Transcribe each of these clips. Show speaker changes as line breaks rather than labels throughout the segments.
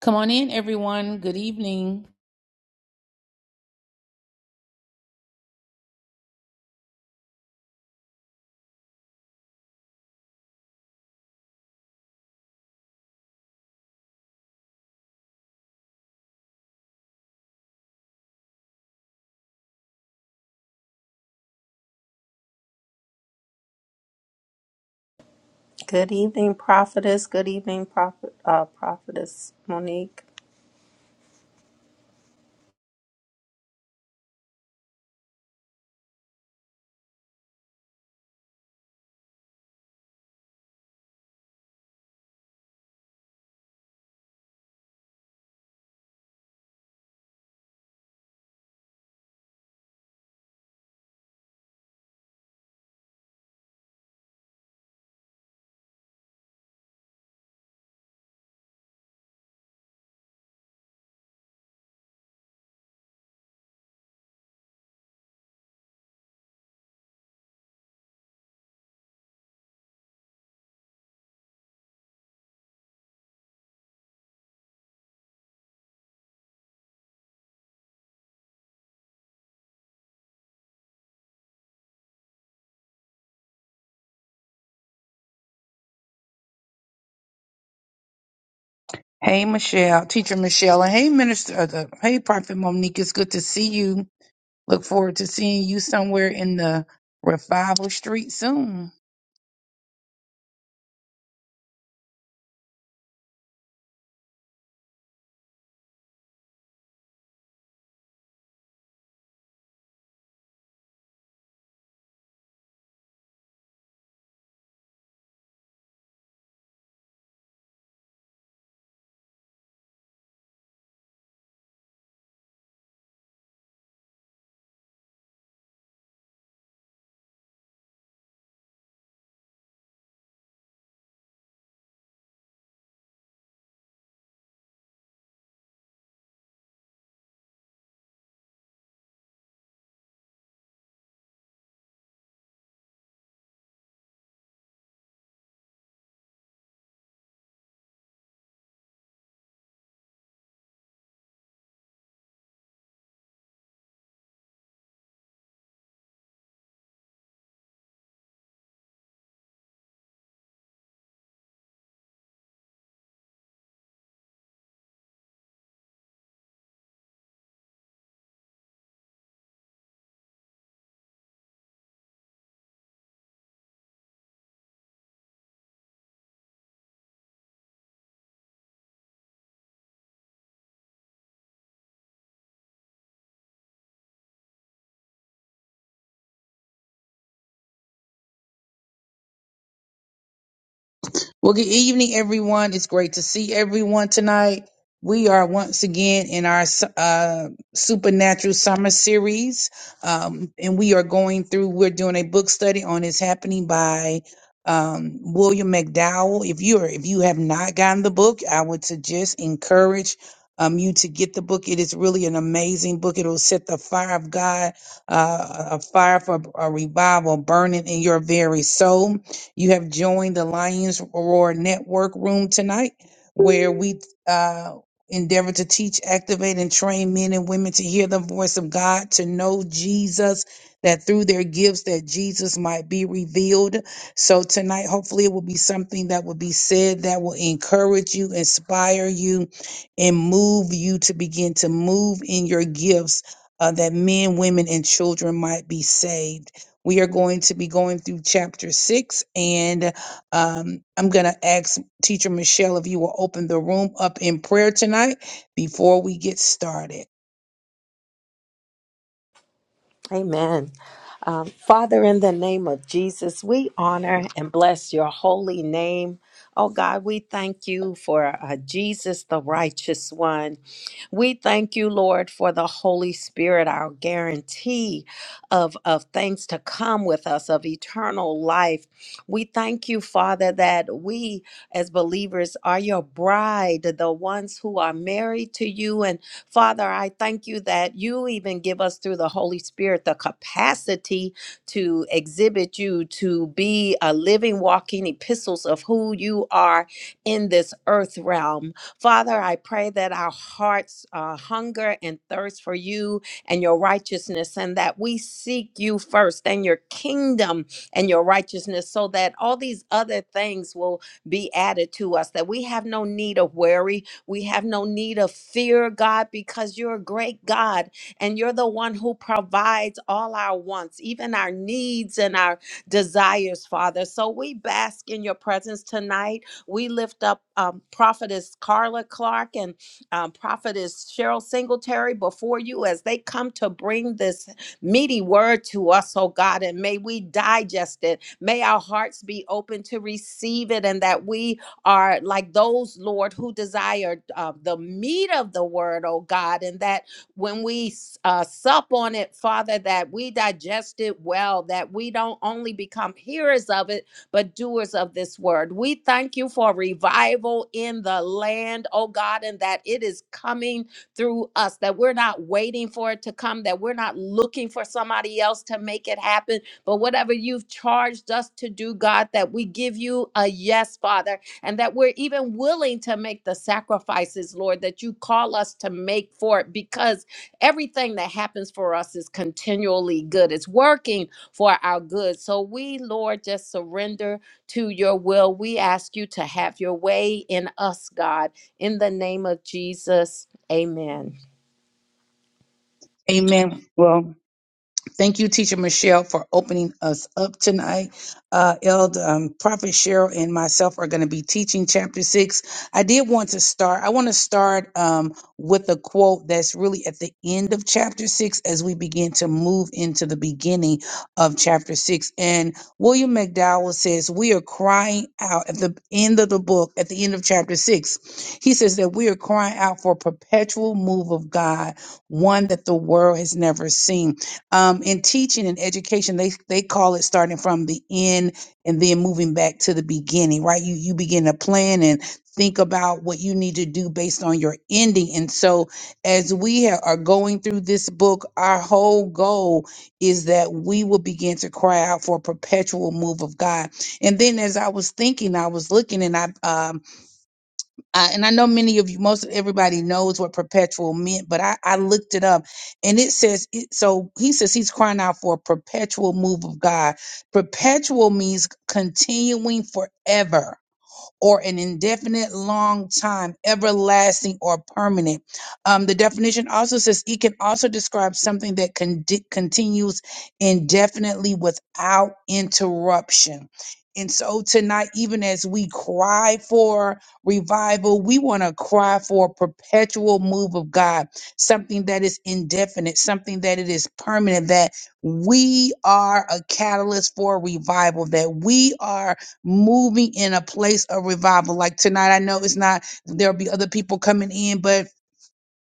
Come on in, everyone. Good evening.
Good evening, prophetess. Good evening, prophet, uh, prophetess Monique.
Hey, Michelle, teacher Michelle, and hey, Minister, uh, the- hey, Prophet Monique, it's good to see you. Look forward to seeing you somewhere in the revival street soon. Well, good evening, everyone. It's great to see everyone tonight. We are once again in our uh, supernatural summer series, um, and we are going through. We're doing a book study on "It's Happening" by um, William McDowell. If you are, if you have not gotten the book, I would suggest encourage um, you to get the book. It is really an amazing book. It will set the fire of God, uh, a fire for a revival burning in your very soul. You have joined the Lions Roar Network Room tonight, where we uh, endeavor to teach, activate, and train men and women to hear the voice of God, to know Jesus, that through their gifts that Jesus might be revealed. So tonight, hopefully, it will be something that will be said that will encourage you, inspire you, and move you to begin to move in your gifts uh, that men, women, and children might be saved. We are going to be going through chapter six, and um, I'm going to ask Teacher Michelle if you will open the room up in prayer tonight before we get started.
Amen. Um, Father, in the name of Jesus, we honor and bless your holy name. Oh God, we thank you for uh, Jesus, the righteous one. We thank you, Lord, for the Holy Spirit, our guarantee of, of things to come with us, of eternal life. We thank you, Father, that we as believers are your bride, the ones who are married to you and Father, I thank you that you even give us through the Holy Spirit the capacity to exhibit you, to be a living, walking epistles of who you are in this earth realm. Father, I pray that our hearts uh, hunger and thirst for you and your righteousness, and that we seek you first and your kingdom and your righteousness, so that all these other things will be added to us, that we have no need of worry, we have no need of fear, God, because you're a great God and you're the one who provides all our wants, even our needs and our desires, Father. So we bask in your presence tonight. We lift up um, Prophetess Carla Clark and um, Prophetess Cheryl Singletary before you as they come to bring this meaty word to us, oh God, and may we digest it. May our hearts be open to receive it and that we are like those, Lord, who desire uh, the meat of the word, oh God, and that when we uh, sup on it, Father, that we digest it well, that we don't only become hearers of it, but doers of this word. We thank you for revival in the land, oh God, and that it is coming through us, that we're not waiting for it to come, that we're not looking for somebody else to make it happen, but whatever you've charged us to do, God, that we give you a yes, Father and that we're even willing to make the sacrifices, Lord, that you call us to make for it because everything that happens for us is continually good. It's working for our good. So we, Lord, just surrender to your will. We ask you to have your way in us, God, in the name of Jesus. Amen.
Amen. Well, Thank you, Teacher Michelle, for opening us up tonight. Uh, Elder um, Prophet Cheryl and myself are going to be teaching chapter six. I did want to start. I want to start um, with a quote that's really at the end of chapter six as we begin to move into the beginning of chapter six. And William McDowell says, "We are crying out at the end of the book, at the end of chapter Six." He says that we are crying out for a perpetual move of God, one that the world has never seen." um, in teaching and education they they call it starting from the end and then moving back to the beginning right you you begin to plan and think about what you need to do based on your ending and so as we ha- are going through this book our whole goal is that we will begin to cry out for a perpetual move of god and then as i was thinking i was looking and i um, uh, and I know many of you, most of everybody knows what perpetual meant, but I, I looked it up and it says, it, so he says he's crying out for a perpetual move of God. Perpetual means continuing forever or an indefinite, long time, everlasting, or permanent. Um, the definition also says it can also describe something that con- continues indefinitely without interruption. And so tonight, even as we cry for revival, we want to cry for a perpetual move of God, something that is indefinite, something that it is permanent, that we are a catalyst for revival, that we are moving in a place of revival. Like tonight, I know it's not, there'll be other people coming in, but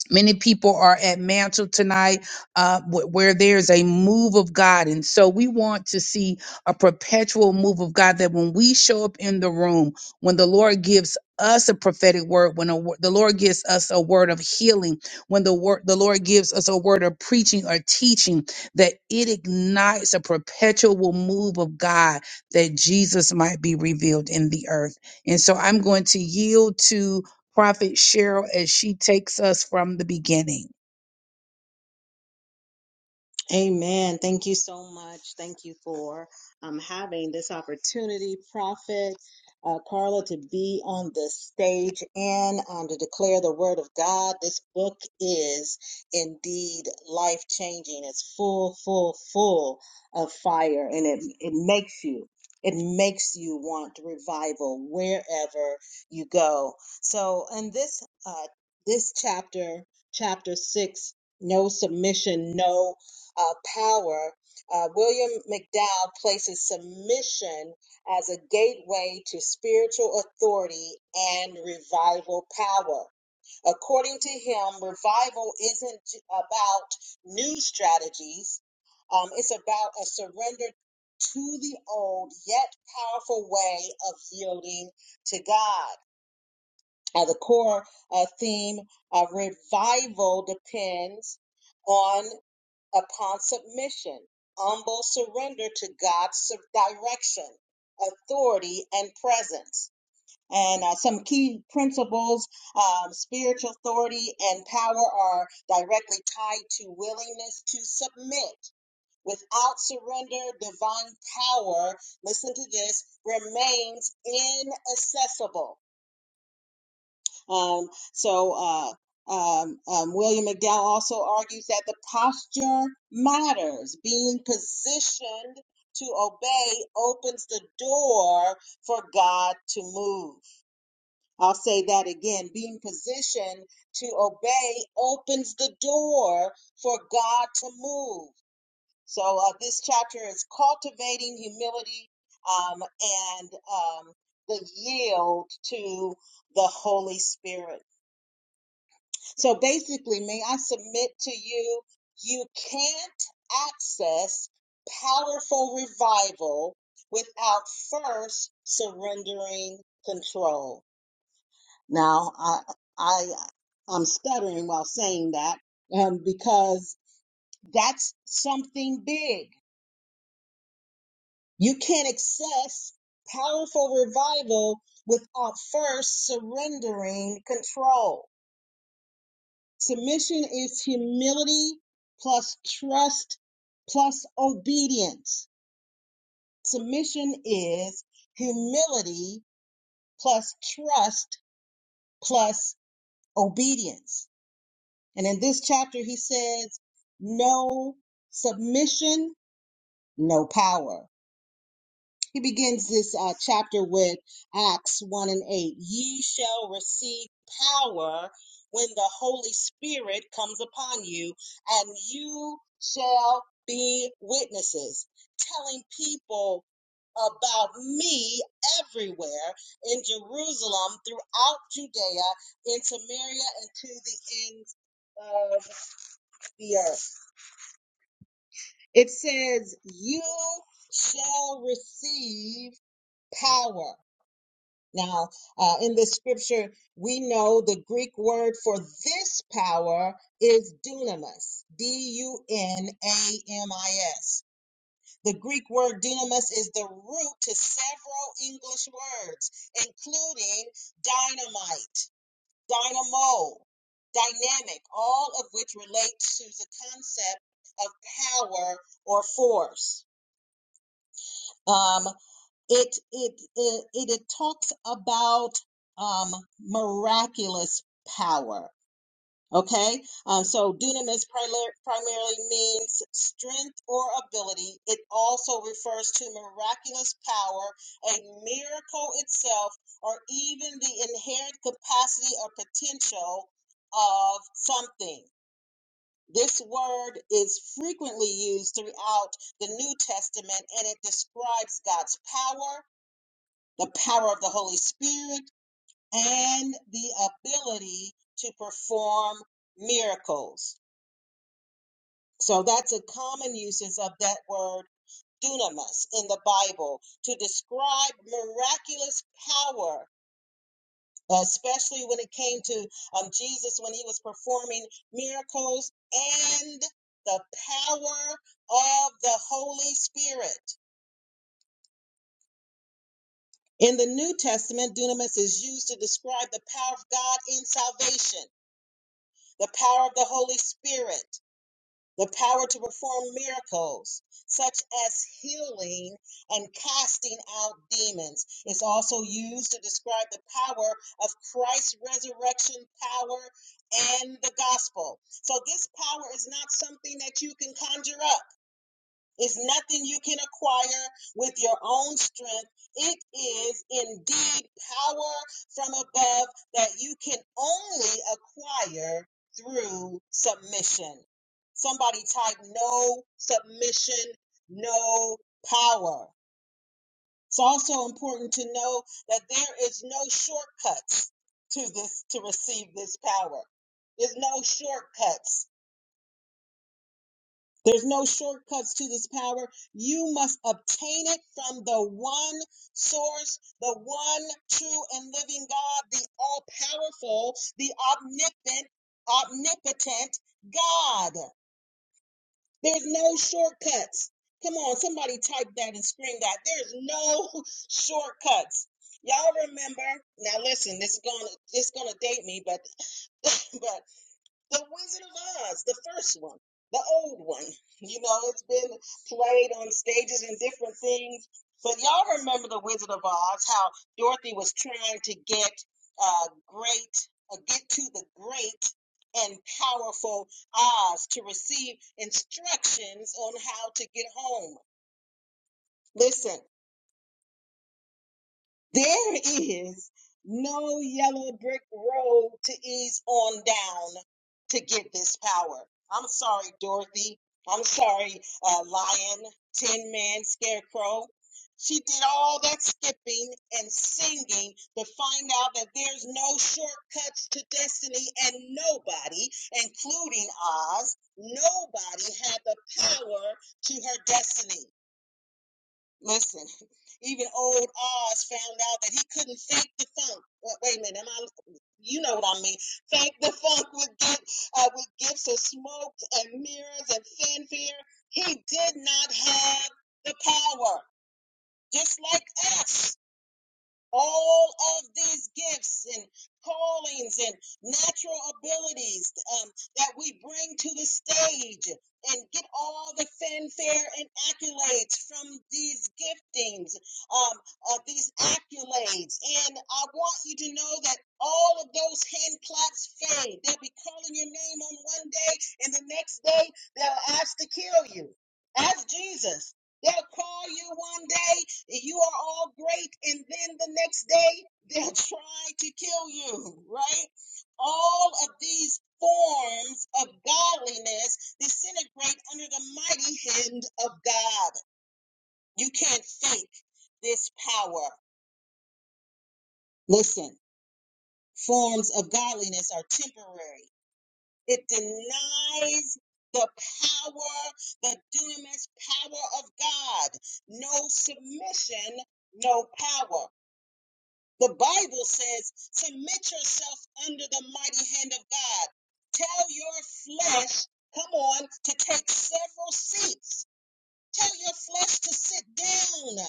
Many people are at mantle tonight uh, wh- where there's a move of God. And so we want to see a perpetual move of God that when we show up in the room, when the Lord gives us a prophetic word, when a, wo- the Lord gives us a word of healing, when the word the Lord gives us a word of preaching or teaching, that it ignites a perpetual move of God that Jesus might be revealed in the earth. And so I'm going to yield to Prophet Cheryl as she takes us from the beginning.
Amen. Thank you so much. Thank you for um, having this opportunity, Prophet uh, Carla, to be on the stage and um, to declare the word of God. This book is indeed life changing. It's full, full, full of fire, and it it makes you. It makes you want revival wherever you go. So, in this uh, this chapter, chapter six, no submission, no uh, power, uh, William McDowell places submission as a gateway to spiritual authority and revival power. According to him, revival isn't about new strategies, um, it's about a surrender to the old yet powerful way of yielding to God. Uh, the core uh, theme of revival depends. on upon submission, humble surrender to God's direction, authority, and presence. And uh, some key principles, um, spiritual authority and power are directly tied to willingness to submit. Without surrender, divine power, listen to this, remains inaccessible. Um, so uh, um, um, William McDowell also argues that the posture matters. Being positioned to obey opens the door for God to move. I'll say that again. Being positioned to obey opens the door for God to move. So uh, this chapter is cultivating humility um, and um, the yield to the Holy Spirit. So basically, may I submit to you, you can't access powerful revival without first surrendering control. Now, I, I, I'm stuttering while saying that um, because that's something big. You can't access powerful revival without first surrendering control. Submission is humility plus trust plus obedience. Submission is humility plus trust plus obedience. And in this chapter, he says, no submission, no power. He begins this uh, chapter with Acts 1 and 8. Ye shall receive power when the Holy Spirit comes upon you, and you shall be witnesses, telling people about me everywhere in Jerusalem, throughout Judea, in Samaria, and to the ends of the earth. It says, You shall receive power. Now, uh, in the scripture, we know the Greek word for this power is dunamis, D U N A M I S. The Greek word dunamis is the root to several English words, including dynamite, dynamo, dynamic, all of which relate to the concept of power or force. Um, it it it it, it talks about um, miraculous power. Okay, um, so dunamis prilar- primarily means strength or ability. It also refers to miraculous power, a miracle itself, or even the inherent capacity or potential of something. This word is frequently used throughout the New Testament and it describes God's power, the power of the Holy Spirit, and the ability to perform miracles. So that's a common usage of that word dunamis in the Bible to describe miraculous power, especially when it came to um, Jesus when he was performing miracles and the power of the Holy Spirit. In the New Testament, dunamis is used to describe the power of God in salvation the power of the Holy Spirit, the power to perform miracles such as healing and casting out demons. It's also used to describe the power of Christ's resurrection power and the gospel. So, this power is not something that you can conjure up. It's nothing you can acquire with your own strength. It is indeed power from above that you can only acquire through submission. Somebody type no submission, no power. It's also important to know that there is no shortcuts to this to receive this power. There's no shortcuts there's no shortcuts to this power. You must obtain it from the one source, the one true and living God, the all powerful, the omnipotent, omnipotent God. There's no shortcuts. Come on, somebody type that and scream that. There's no shortcuts. Y'all remember? Now listen, this is gonna this is gonna date me, but but the Wizard of Oz, the first one, the old one. You know, it's been played on stages and different things. But y'all remember the Wizard of Oz, how Dorothy was trying to get uh, great, uh, get to the great and powerful Oz to receive instructions on how to get home. Listen, There is no yellow brick road to ease on down to get this power. I'm sorry, Dorothy. I'm sorry, uh, Lion, Tin Man, Scarecrow. She did all that skipping and singing to find out that there's no shortcuts to destiny, and nobody, including Oz, nobody had the power to her destiny. Listen, even old Oz found out that he couldn't fake the funk. Wait, wait a minute, am I? You know what I mean. Fake the funk with gifts, uh, with gifts of smoke and mirrors and fanfare. He did not have the power, just like us all of these gifts and callings and natural abilities um, that we bring to the stage and get all the fanfare and accolades from these giftings, um, uh, these accolades. And I want you to know that all of those hand claps fade. They'll be calling your name on one day, and the next day they'll ask to kill you. Ask Jesus. They'll call you one day you are all great and then the next day they'll try to kill you right all of these forms of godliness disintegrate under the mighty hand of god you can't fake this power listen forms of godliness are temporary it denies the power, the dunamis power of God. No submission, no power. The Bible says, Submit yourself under the mighty hand of God. Tell your flesh, come on, to take several seats. Tell your flesh to sit down.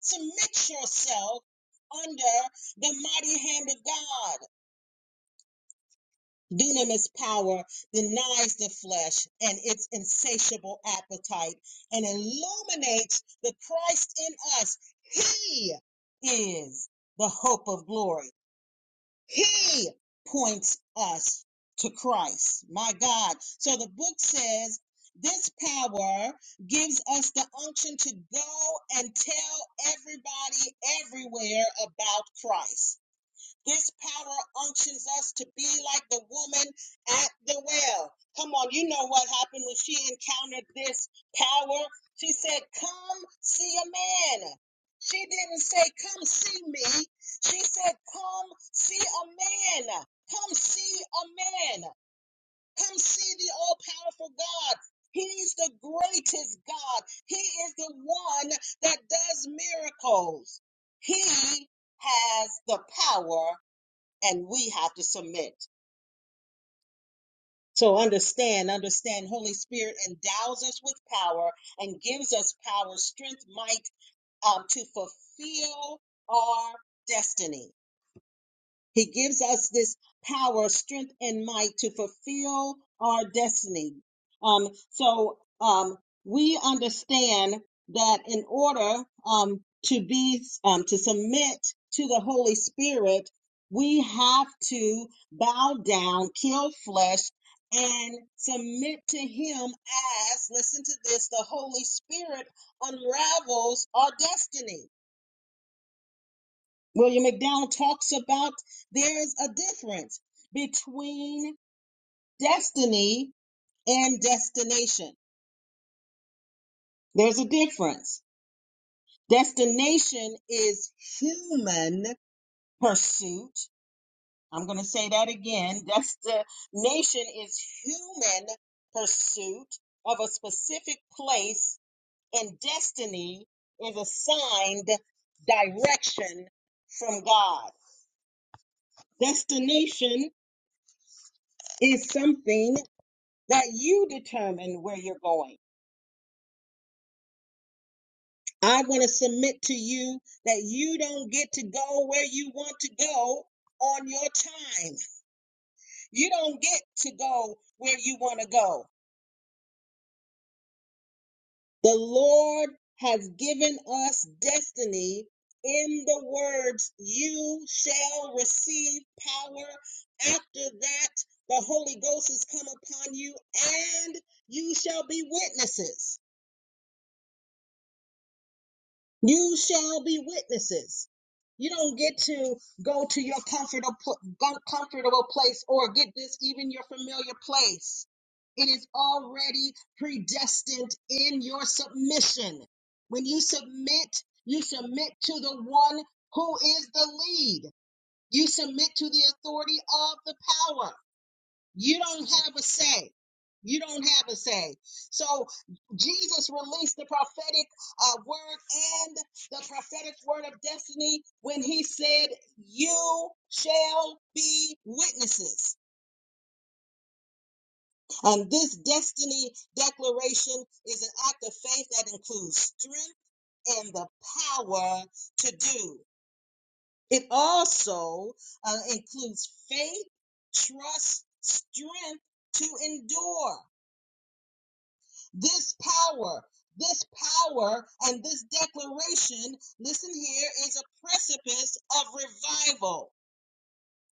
Submit yourself under the mighty hand of God. Dunamis power denies the flesh and its insatiable appetite and illuminates the Christ in us. He is the hope of glory. He points us to Christ, my God. So the book says this power gives us the unction to go and tell everybody everywhere about Christ. His power unctions us to be like the woman at the well. Come on, you know what happened when she encountered this power. She said, Come see a man. She didn't say, Come see me. She said, Come see a man. Come see a man. Come see the all powerful God. He's the greatest God. He is the one that does miracles. He has the power and we have to submit. So understand, understand, Holy Spirit endows us with power and gives us power, strength, might um, to fulfill our destiny. He gives us this power, strength, and might to fulfill our destiny. Um, so um, we understand that in order um, to be um, to submit to the Holy Spirit, we have to bow down, kill flesh, and submit to Him. As listen to this, the Holy Spirit unravels our destiny. William McDowell talks about there's a difference between destiny and destination. There's a difference. Destination is human pursuit. I'm going to say that again. Destination is human pursuit of a specific place, and destiny is assigned direction from God. Destination is something that you determine where you're going. I want to submit to you that you don't get to go where you want to go on your time. You don't get to go where you want to go. The Lord has given us destiny in the words, You shall receive power. After that, the Holy Ghost has come upon you, and you shall be witnesses. You shall be witnesses. You don't get to go to your comfortable comfortable place or get this even your familiar place. It is already predestined in your submission. When you submit, you submit to the one who is the lead. You submit to the authority of the power. You don't have a say. You don't have a say. So Jesus released the prophetic uh, word and the prophetic word of destiny when he said, You shall be witnesses. And this destiny declaration is an act of faith that includes strength and the power to do. It also uh, includes faith, trust, strength to endure. This power, this power, and this declaration, listen here, is a precipice of revival.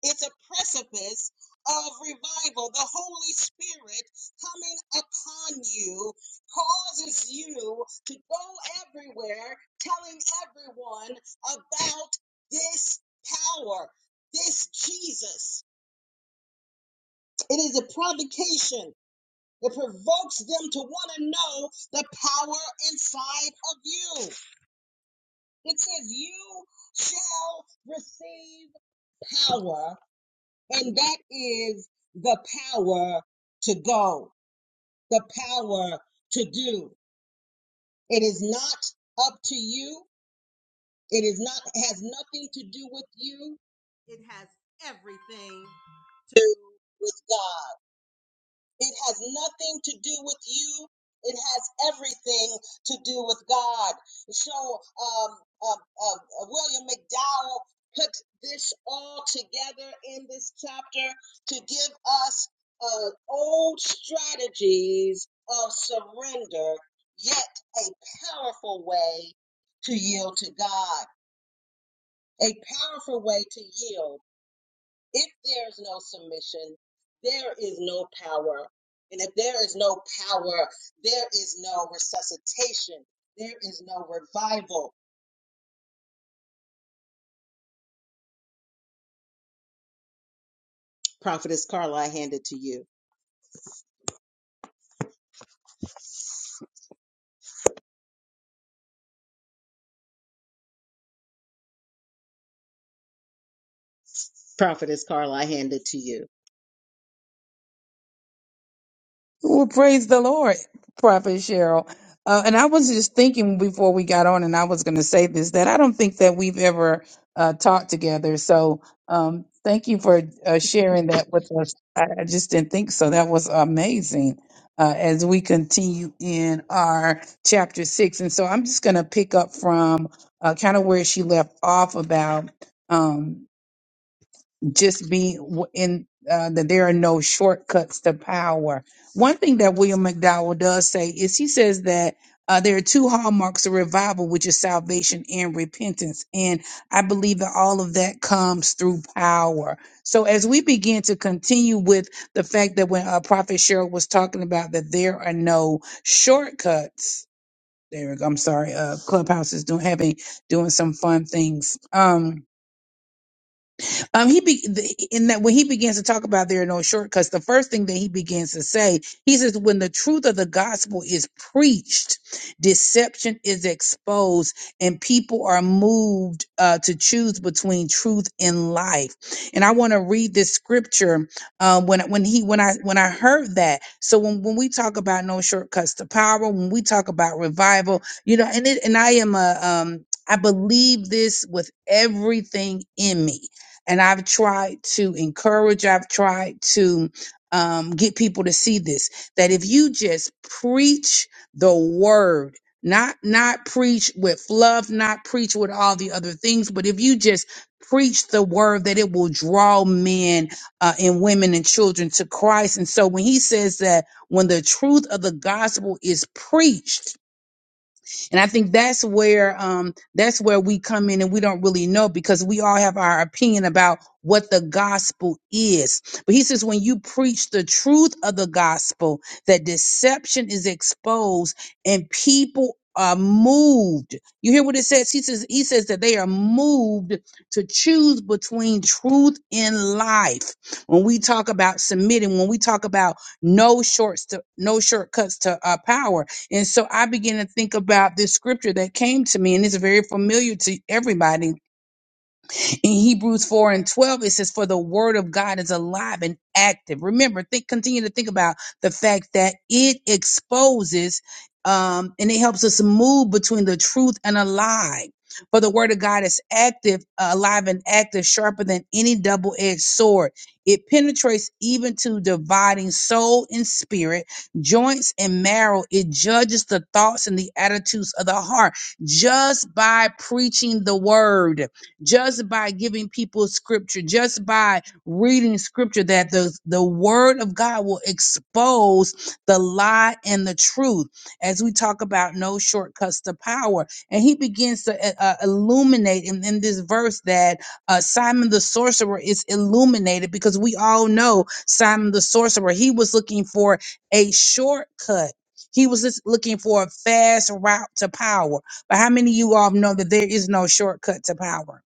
It's a precipice of revival. The Holy Spirit coming upon you causes you to go everywhere telling everyone about this power, this Jesus. It is a provocation It provokes them to want to know the power inside of you. It says, You shall receive power, and that is the power to go, the power to do. It is not up to you. It is not has nothing to do with you. It has everything to do with God. It has nothing to do with you. It has everything to do with God. So um, um, um, William McDowell put this all together in this chapter to give us uh, old strategies of surrender, yet a powerful way to yield to God. A powerful way to yield. If there's no submission, there is no power. And if there is no power, there is no resuscitation. There is no revival. Prophetess Carla, I hand it to you. Prophetess Carla, I hand it to you.
Well, praise the Lord, Prophet Cheryl. Uh, and I was just thinking before we got on, and I was going to say this that I don't think that we've ever uh, talked together. So um, thank you for uh, sharing that with us. I, I just didn't think so. That was amazing. Uh, as we continue in our chapter six, and so I'm just going to pick up from uh, kind of where she left off about. Um, just be w- in uh, that there are no shortcuts to power. One thing that William McDowell does say is he says that uh, there are two hallmarks of revival, which is salvation and repentance. And I believe that all of that comes through power. So as we begin to continue with the fact that when uh, Prophet Cheryl was talking about that there are no shortcuts. There, we go. I'm sorry. Uh, Clubhouse is doing having doing some fun things. Um, um, he be the- in that when he begins to talk about there are no shortcuts, the first thing that he begins to say, he says, when the truth of the gospel is preached, deception is exposed, and people are moved uh, to choose between truth and life. And I want to read this scripture uh, when when he when I when I heard that. So when when we talk about no shortcuts to power, when we talk about revival, you know, and it and I am a um I believe this with everything in me and I've tried to encourage, I've tried to um, get people to see this that if you just preach the word, not not preach with fluff, not preach with all the other things, but if you just preach the word, that it will draw men uh, and women and children to Christ. And so when he says that when the truth of the gospel is preached, and I think that's where um, that's where we come in and we don't really know because we all have our opinion about what the gospel is. But he says when you preach the truth of the gospel, that deception is exposed and people are moved. You hear what it says? He says he says that they are moved to choose between truth and life. When we talk about submitting, when we talk about no shorts to no shortcuts to uh, power, and so I began to think about this scripture that came to me, and it's very familiar to everybody in Hebrews 4 and 12, it says, For the word of God is alive and active. Remember, think, continue to think about the fact that it exposes um, and it helps us move between the truth and a lie. For the word of God is active, uh, alive and active, sharper than any double edged sword. It penetrates even to dividing soul and spirit, joints and marrow. It judges the thoughts and the attitudes of the heart just by preaching the word just by giving people scripture, just by reading scripture, that the, the word of God will expose the lie and the truth as we talk about no shortcuts to power. And he begins to uh, uh, illuminate in, in this verse that uh, Simon the sorcerer is illuminated because we all know Simon the sorcerer, he was looking for a shortcut. He was just looking for a fast route to power. But how many of you all know that there is no shortcut to power?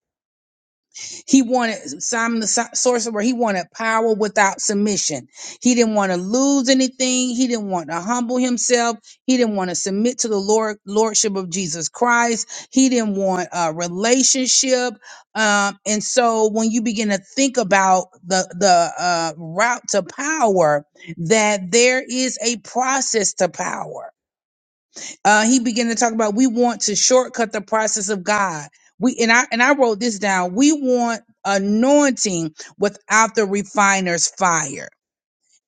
He wanted Simon the Sor- sorcerer. He wanted power without submission. He didn't want to lose anything. He didn't want to humble himself. He didn't want to submit to the Lord lordship of Jesus Christ. He didn't want a relationship. Um, and so when you begin to think about the the uh, route to power, that there is a process to power uh, he began to talk about we want to shortcut the process of God. We and I and I wrote this down. We want anointing without the refiner's fire.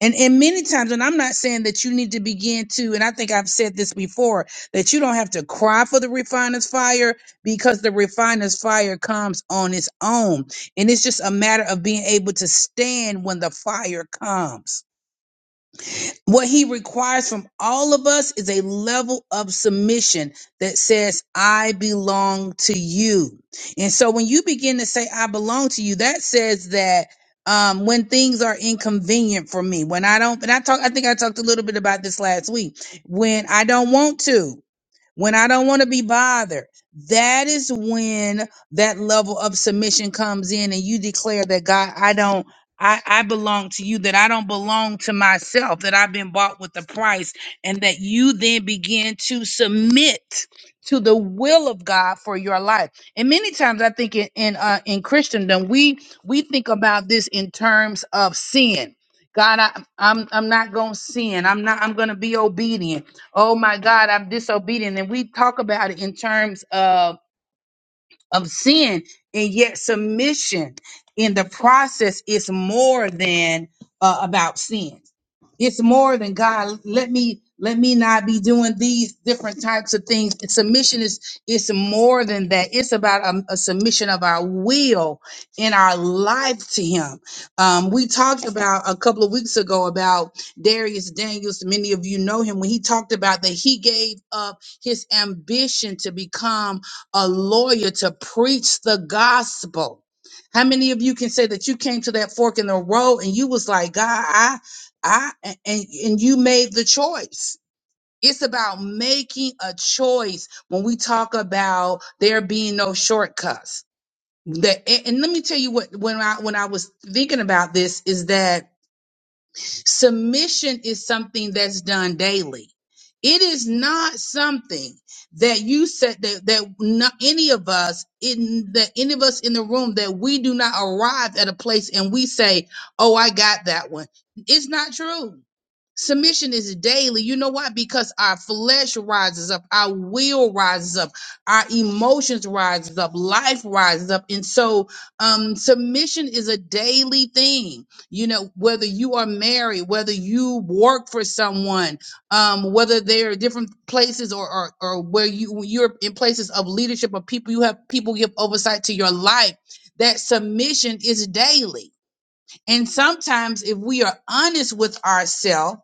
And and many times, and I'm not saying that you need to begin to, and I think I've said this before, that you don't have to cry for the refiner's fire because the refiner's fire comes on its own. And it's just a matter of being able to stand when the fire comes what he requires from all of us is a level of submission that says, I belong to you. And so when you begin to say, I belong to you, that says that um, when things are inconvenient for me, when I don't, and I talk, I think I talked a little bit about this last week, when I don't want to when I don't want to be bothered, that is when that level of submission comes in and you declare that God, I don't, I, I belong to you, that I don't belong to myself, that I've been bought with the price, and that you then begin to submit to the will of God for your life. And many times I think in in, uh, in Christendom, we we think about this in terms of sin. God, I, I'm I'm not gonna sin. I'm not. I'm gonna be obedient. Oh my God, I'm disobedient. And we talk about it in terms of of sin and yet submission in the process is more than uh, about sin it's more than god let me let me not be doing these different types of things submission is it's more than that it's about a, a submission of our will and our life to him um, we talked about a couple of weeks ago about darius daniels many of you know him when he talked about that he gave up his ambition to become a lawyer to preach the gospel. How many of you can say that you came to that fork in the road and you was like, God, I, I, and, and you made the choice. It's about making a choice when we talk about there being no shortcuts. That, and, and let me tell you what, when I, when I was thinking about this is that Submission is something that's done daily. It is not something that you said that, that not any of us in that any of us in the room that we do not arrive at a place and we say, "Oh, I got that one." It's not true Submission is daily. You know why? Because our flesh rises up, our will rises up, our emotions rises up, life rises up, and so um, submission is a daily thing. You know, whether you are married, whether you work for someone, um, whether there are different places or or, or where you you're in places of leadership of people, you have people give oversight to your life. That submission is daily and sometimes, if we are honest with ourselves,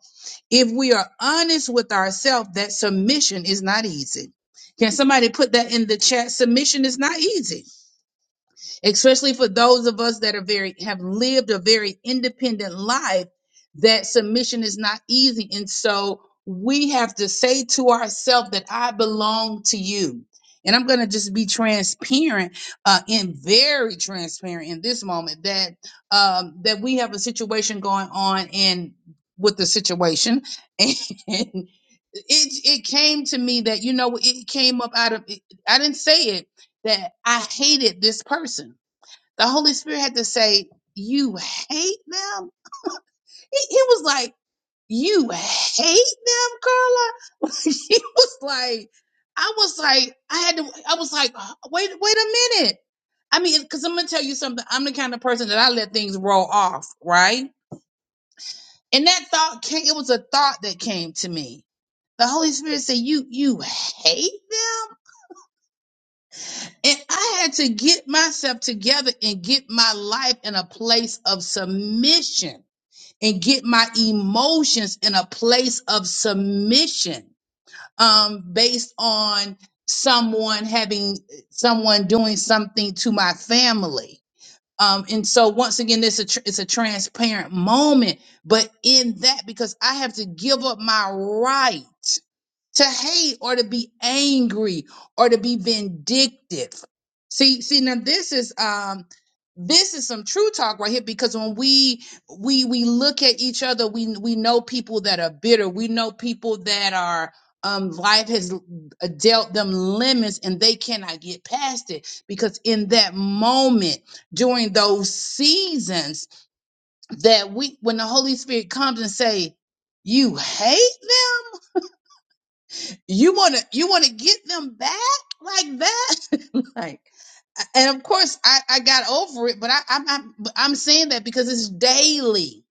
if we are honest with ourselves, that submission is not easy. Can somebody put that in the chat? Submission is not easy especially for those of us that are very have lived a very independent life that submission is not easy and so we have to say to ourselves that i belong to you and i'm going to just be transparent uh, and very transparent in this moment that um, that we have a situation going on and with the situation and it it came to me that you know it came up out of i didn't say it that i hated this person the Holy Spirit had to say, You hate them? He, he was like, You hate them, Carla? he was like, I was like, I had to, I was like, Wait, wait a minute. I mean, because I'm going to tell you something. I'm the kind of person that I let things roll off, right? And that thought came, it was a thought that came to me. The Holy Spirit said, You, you hate them? And I had to get myself together and get my life in a place of submission and get my emotions in a place of submission um, based on someone having someone doing something to my family. Um, and so once again, this a tr- it's a transparent moment, but in that because I have to give up my right to hate or to be angry or to be vindictive. See, see, now this is um this is some true talk right here because when we we we look at each other, we we know people that are bitter, we know people that are um life has l- dealt them lemons and they cannot get past it because in that moment during those seasons that we when the holy spirit comes and say you hate them you want to you want to get them back like that like and of course i i got over it but i i'm i'm, I'm saying that because it's daily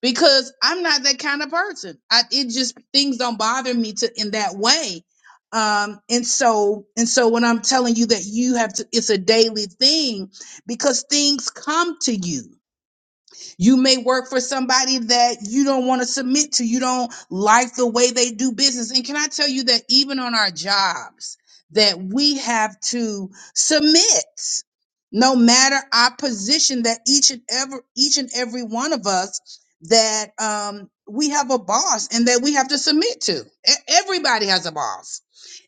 because i'm not that kind of person i it just things don't bother me to in that way um and so and so when i'm telling you that you have to it's a daily thing because things come to you you may work for somebody that you don't want to submit to. You don't like the way they do business. And can I tell you that even on our jobs, that we have to submit, no matter our position, that each and every each and every one of us that um, we have a boss and that we have to submit to. E- Everybody has a boss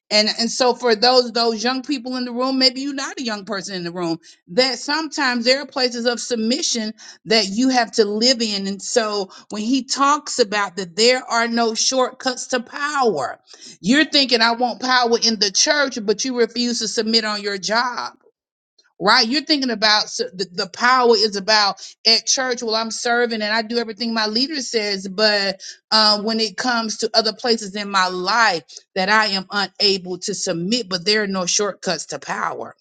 and and so for those those young people in the room maybe you're not a young person in the room that sometimes there are places of submission that you have to live in and so when he talks about that there are no shortcuts to power you're thinking i want power in the church but you refuse to submit on your job right? You're thinking about s- the, the power is about at church. Well, I'm serving and I do everything my leader says, but um, when it comes to other places in my life that I am unable to submit, but there are no shortcuts to power,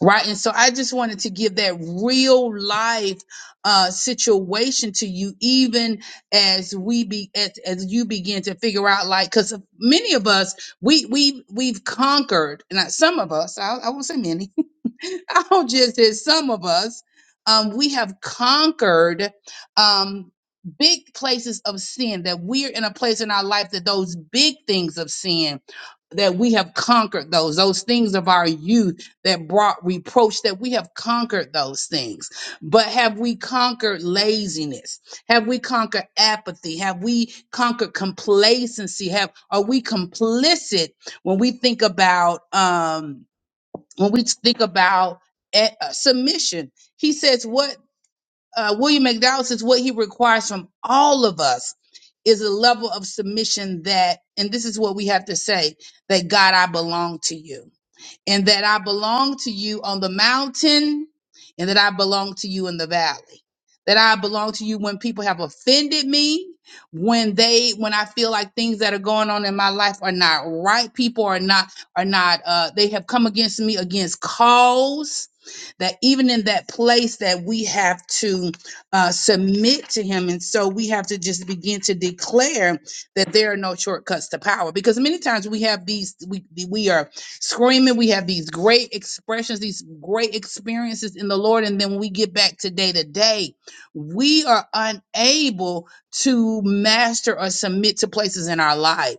right? And so I just wanted to give that real life uh, situation to you, even as we be as, as you begin to figure out, like, because many of us we we we've conquered, and some of us, I, I won't say many I'll just say, some of us, um, we have conquered um, big places of sin, that we're in a place in our life that those big things of sin, that we have conquered those, those things of our youth that brought reproach, that we have conquered those things. But have we conquered laziness? Have we conquered apathy? Have we conquered complacency? Have are we complicit when we think about um when we think about eh, uh, submission, he says what uh, William McDowell says what he requires from all of us is a level of submission that, and this is what we have to say that God, I belong to you and that I belong to you on the mountain, and that I belong to you in the valley. That I belong to you when people have offended me, when they, when I feel like things that are going on in my life are not right. People are not, are not, uh, they have come against me against cause. That even in that place that we have to uh, submit to Him, and so we have to just begin to declare that there are no shortcuts to power. Because many times we have these, we we are screaming. We have these great expressions, these great experiences in the Lord. And then when we get back to day to day, we are unable to master or submit to places in our life.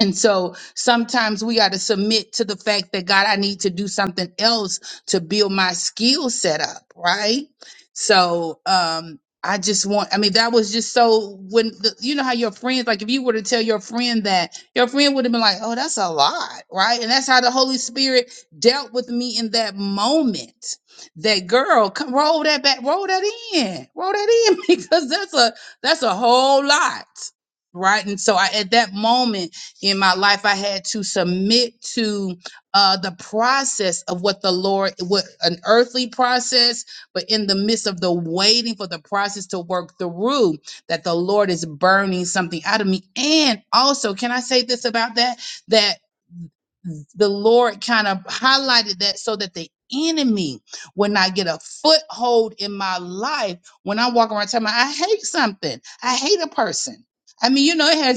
And so sometimes we got to submit to the fact that God, I need to do something else to build my skill set up, right? So um I just want I mean that was just so when the, you know how your friends like if you were to tell your friend that your friend would have been like, "Oh, that's a lot," right? And that's how the Holy Spirit dealt with me in that moment. That girl, come roll that back, roll that in. Roll that in because that's a that's a whole lot right? And so I, at that moment in my life i had to submit to uh the process of what the lord what an earthly process but in the midst of the waiting for the process to work through that the lord is burning something out of me and also can i say this about that that the lord kind of highlighted that so that the enemy would not get a foothold in my life when i walk around telling me i hate something i hate a person I mean, you know, it had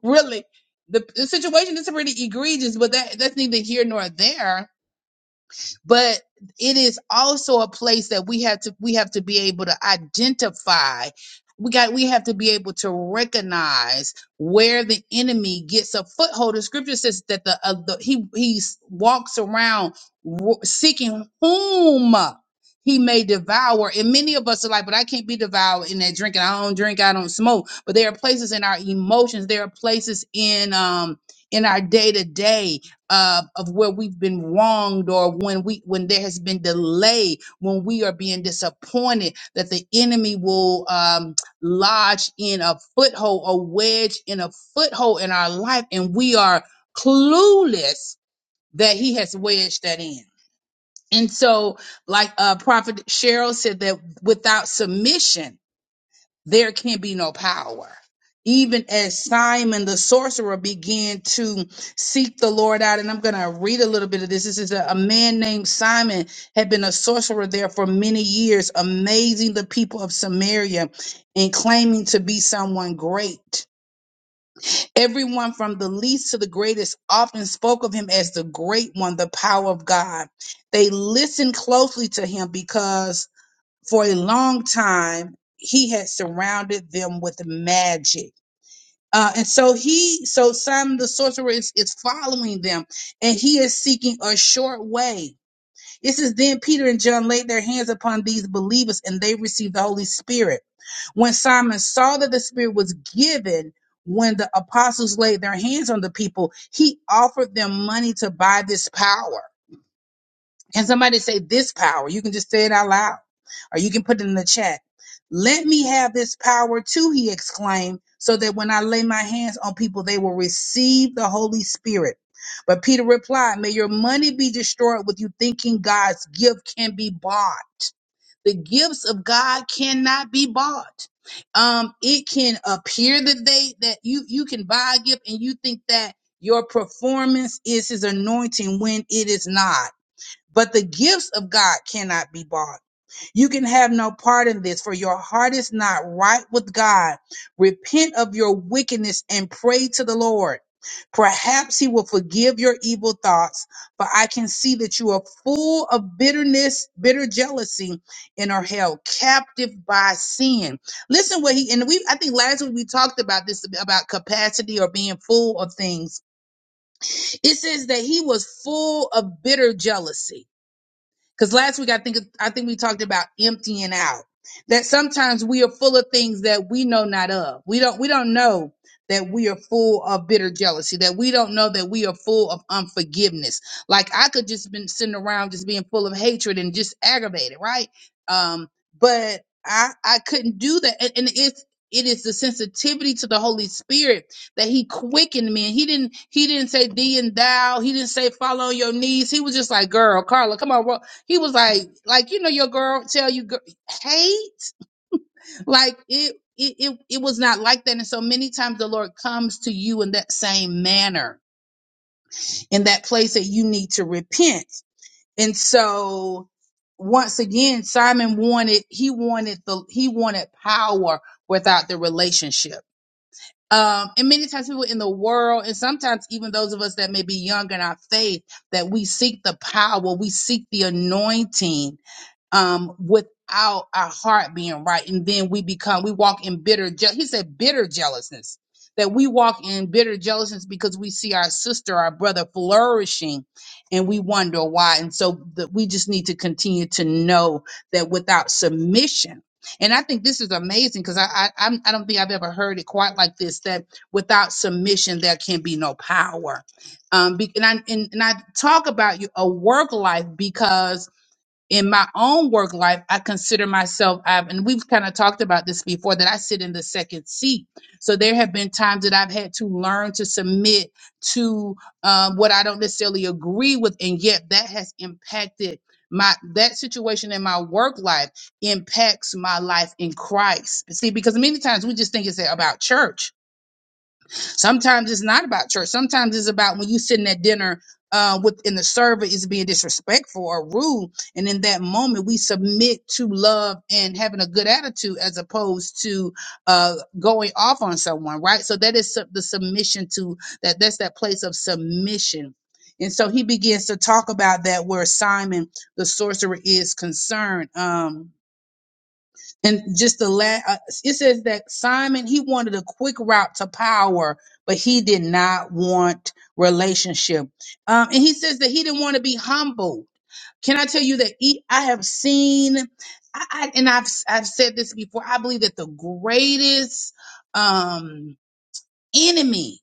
really, the, the situation is pretty egregious, but that that's neither here nor there but it is also a place that we have to we have to be able to identify we got we have to be able to recognize where the enemy gets a foothold the scripture says that the, uh, the he he walks around wo- seeking whom he may devour and many of us are like but i can't be devoured in that drinking i don't drink i don't smoke but there are places in our emotions there are places in um in our day to day uh, of where we've been wronged or when we when there has been delay when we are being disappointed that the enemy will um, lodge in a foothold a wedge in a foothold in our life and we are clueless that he has wedged that in and so like uh prophet cheryl said that without submission there can be no power. Even as Simon the sorcerer began to seek the Lord out, and I'm going to read a little bit of this. This is a, a man named Simon had been a sorcerer there for many years, amazing the people of Samaria and claiming to be someone great. Everyone from the least to the greatest often spoke of him as the great one, the power of God. They listened closely to him because for a long time he had surrounded them with magic uh, and so he so simon the sorcerer is, is following them and he is seeking a short way It says, then peter and john laid their hands upon these believers and they received the holy spirit when simon saw that the spirit was given when the apostles laid their hands on the people he offered them money to buy this power and somebody say this power. You can just say it out loud or you can put it in the chat. Let me have this power too, he exclaimed, so that when I lay my hands on people, they will receive the Holy Spirit. But Peter replied, May your money be destroyed with you thinking God's gift can be bought. The gifts of God cannot be bought. Um, it can appear that they that you you can buy a gift and you think that your performance is his anointing when it is not but the gifts of God cannot be bought. You can have no part in this, for your heart is not right with God. Repent of your wickedness and pray to the Lord. Perhaps he will forgive your evil thoughts, for I can see that you are full of bitterness, bitter jealousy, and are held captive by sin. Listen what he and we I think last week we talked about this about capacity or being full of things. It says that he was full of bitter jealousy. Because last week I think I think we talked about emptying out. That sometimes we are full of things that we know not of. We don't we don't know that we are full of bitter jealousy, that we don't know that we are full of unforgiveness. Like I could just been sitting around just being full of hatred and just aggravated, right? Um, but I I couldn't do that. And, and it's it is the sensitivity to the Holy Spirit that He quickened me. And He didn't He didn't say thee and thou. He didn't say follow on your knees. He was just like, girl, Carla, come on, he was like, like you know, your girl tell you, gir- hey, like it, it, it, it was not like that. And so many times the Lord comes to you in that same manner, in that place that you need to repent. And so, once again, Simon wanted, he wanted the, he wanted power without the relationship. Um, and many times people in the world, and sometimes even those of us that may be young in our faith, that we seek the power, we seek the anointing um, without our heart being right. And then we become, we walk in bitter, je- he said bitter jealousness, that we walk in bitter jealousness because we see our sister, our brother flourishing and we wonder why. And so that we just need to continue to know that without submission, and I think this is amazing because I, I I'm- I don't think I've ever heard it quite like this that without submission there can be no power, um, be, and I and, and I talk about you- a work life because in my own work life, I consider myself, I've, and we've kind of talked about this before, that I sit in the second seat. So there have been times that I've had to learn to submit to um, what I don't necessarily agree with, and yet that has impacted my that situation in my work life impacts my life in Christ. See, because many times we just think it's about church, Sometimes it's not about church. Sometimes it's about when you sitting at dinner uh, with and the server is being disrespectful or rude, and in that moment we submit to love and having a good attitude as opposed to uh, going off on someone, right? So that is sub- the submission to that. That's that place of submission. And so he begins to talk about that where Simon the sorcerer is concerned. Um, and just the last, uh, it says that Simon, he wanted a quick route to power, but he did not want relationship. Um, and he says that he didn't want to be humbled. Can I tell you that e- I have seen, I, I, and I've, I've said this before, I believe that the greatest um, enemy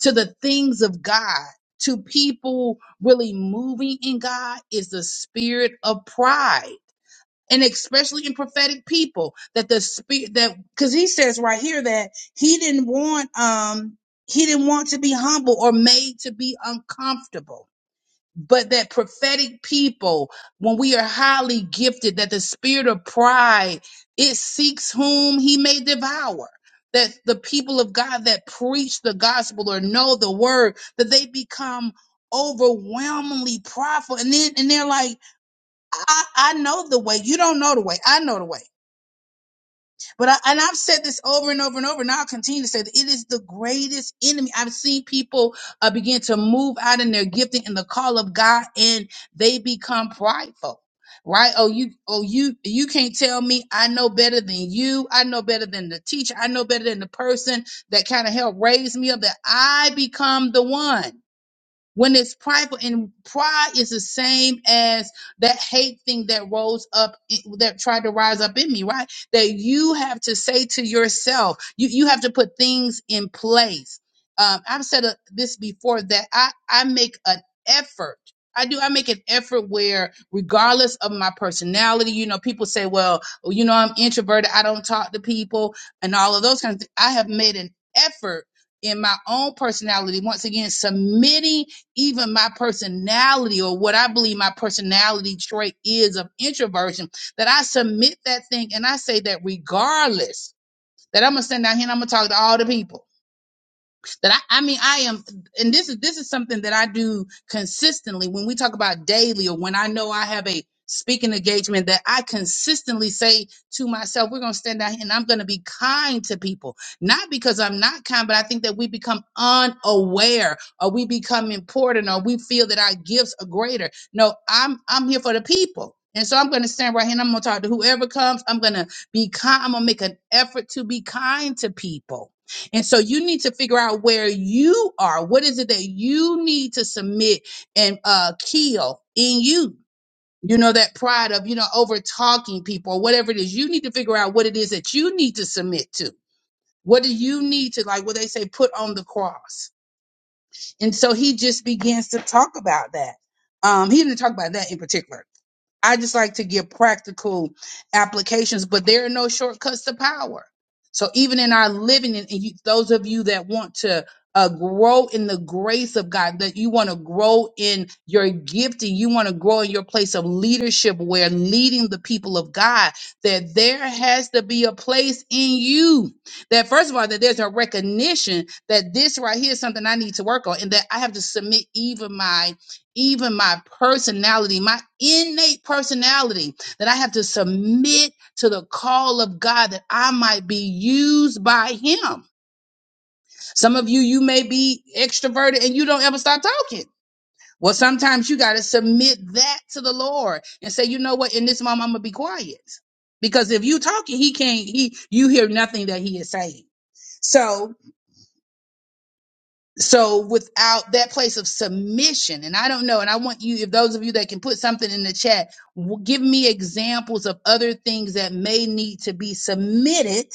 to the things of God, to people really moving in God, is the spirit of pride and especially in prophetic people that the spirit that because he says right here that he didn't want um he didn't want to be humble or made to be uncomfortable but that prophetic people when we are highly gifted that the spirit of pride it seeks whom he may devour that the people of god that preach the gospel or know the word that they become overwhelmingly prideful and then and they're like I, I know the way. You don't know the way. I know the way. But I, and I've said this over and over and over, and I'll continue to say that it is the greatest enemy. I've seen people uh, begin to move out in their gifting and the call of God, and they become prideful. Right? Oh, you, oh, you, you can't tell me I know better than you. I know better than the teacher. I know better than the person that kind of helped raise me up. That I become the one when it's prideful and pride is the same as that hate thing that rose up eh, that tried to rise up in me right that you have to say to yourself you you have to put things in place um i've said uh, this before that i i make an effort I do. I make an effort where, regardless of my personality, you know, people say, well, you know, I'm introverted. I don't talk to people and all of those kinds of things. I have made an effort in my own personality. Once again, submitting even my personality or what I believe my personality trait is of introversion, that I submit that thing and I say that regardless, that I'm gonna stand down here and I'm gonna talk to all the people that I, I mean I am and this is this is something that I do consistently when we talk about daily or when I know I have a speaking engagement that I consistently say to myself, we're gonna stand out here and I'm gonna be kind to people. Not because I'm not kind, but I think that we become unaware or we become important or we feel that our gifts are greater. No, I'm I'm here for the people. And so I'm gonna stand right here and I'm gonna talk to whoever comes. I'm gonna be kind. I'm gonna make an effort to be kind to people and so you need to figure out where you are. What is it that you need to submit and uh, kill in you? You know, that pride of, you know, over talking people or whatever it is. You need to figure out what it is that you need to submit to. What do you need to, like what they say, put on the cross? And so he just begins to talk about that. Um, he didn't talk about that in particular I just like to give practical applications, but there are no shortcuts to power. So even in our living, and and you, those of you that want to uh, grow in the grace of God, that you want to grow in your gifting, you want to grow in your place of leadership, where leading the people of God, that there has to be a place in you. That first of all, that there's a recognition that this right here is something I need to work on, and that I have to submit even my even my personality, my innate personality, that I have to submit to the call of God that I might be used by Him. Some of you, you may be extroverted and you don't ever stop talking. Well, sometimes you got to submit that to the Lord and say, you know what, in this moment, I'm going to be quiet. Because if you talking, he can't, he, you hear nothing that he is saying. So so without that place of submission and i don't know and i want you if those of you that can put something in the chat w- give me examples of other things that may need to be submitted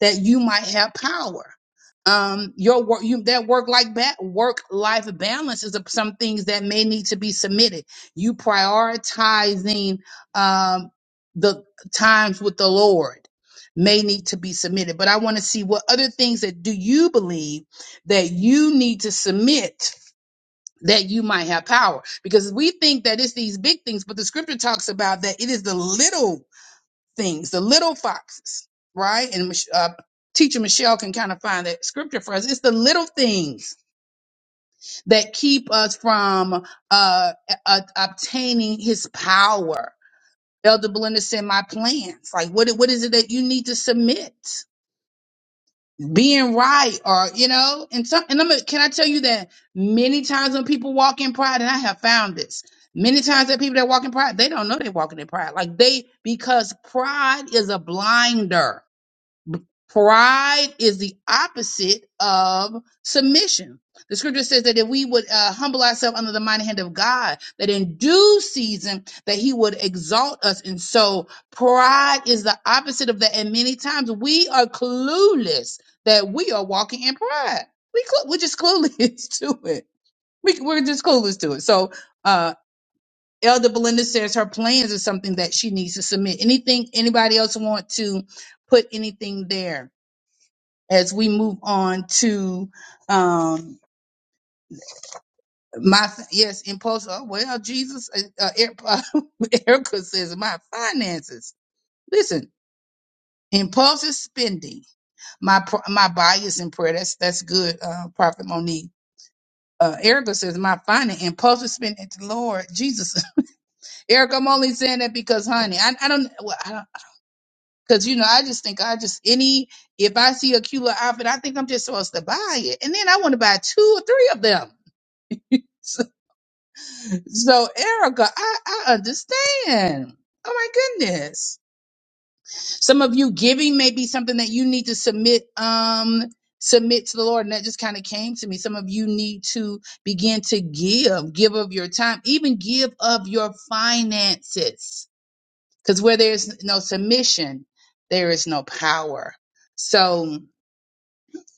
that you might have power. Um, your work, you that work like ba- work life balance is of some things that may need to be submitted. You prioritizing um, the times with the Lord may need to be submitted. But I want to see what other things that do you believe that you need to submit that you might have power because we think that it's these big things but the scripture talks about that it is the little things, the little foxes, right? And Mich- uh, teacher Michelle can kind of find that scripture for us. It's the little things that keep us from uh, uh, obtaining His power. Elder Belinda said, "My plans. Like, what? What is it that you need to submit? Being right, or you know, and some. And I'm. gonna- Can I tell you that many times when people walk in pride, and I have found this many times that people that walk in pride, they don't know they're walking in pride. Like they because pride is a blinder Pride is the opposite of submission. The scripture says that if we would uh, humble ourselves under the mighty hand of God, that in due season that he would exalt us. And so pride is the opposite of that. And many times we are clueless that we are walking in pride. We clu we're just clueless to it. We, we're just clueless to it. So, uh, Elder Belinda says her plans is something that she needs to submit. Anything anybody else want to put anything there? as we move on to um my yes impulse oh well jesus uh, uh, Eri- erica says my finances listen impulsive spending my pr- my bias in prayer that's that's good uh prophet monique uh, Erica says, "My finance, impulsive spending, Lord Jesus." Erica, I'm only saying that because, honey, I, I don't, well, I don't, because you know, I just think I just any if I see a cute little outfit, I think I'm just supposed to buy it, and then I want to buy two or three of them. So, Erica, I, I understand. Oh my goodness. Some of you giving may be something that you need to submit, um, submit to the Lord. And that just kind of came to me. Some of you need to begin to give, give of your time, even give of your finances. Because where there's no submission, there is no power. So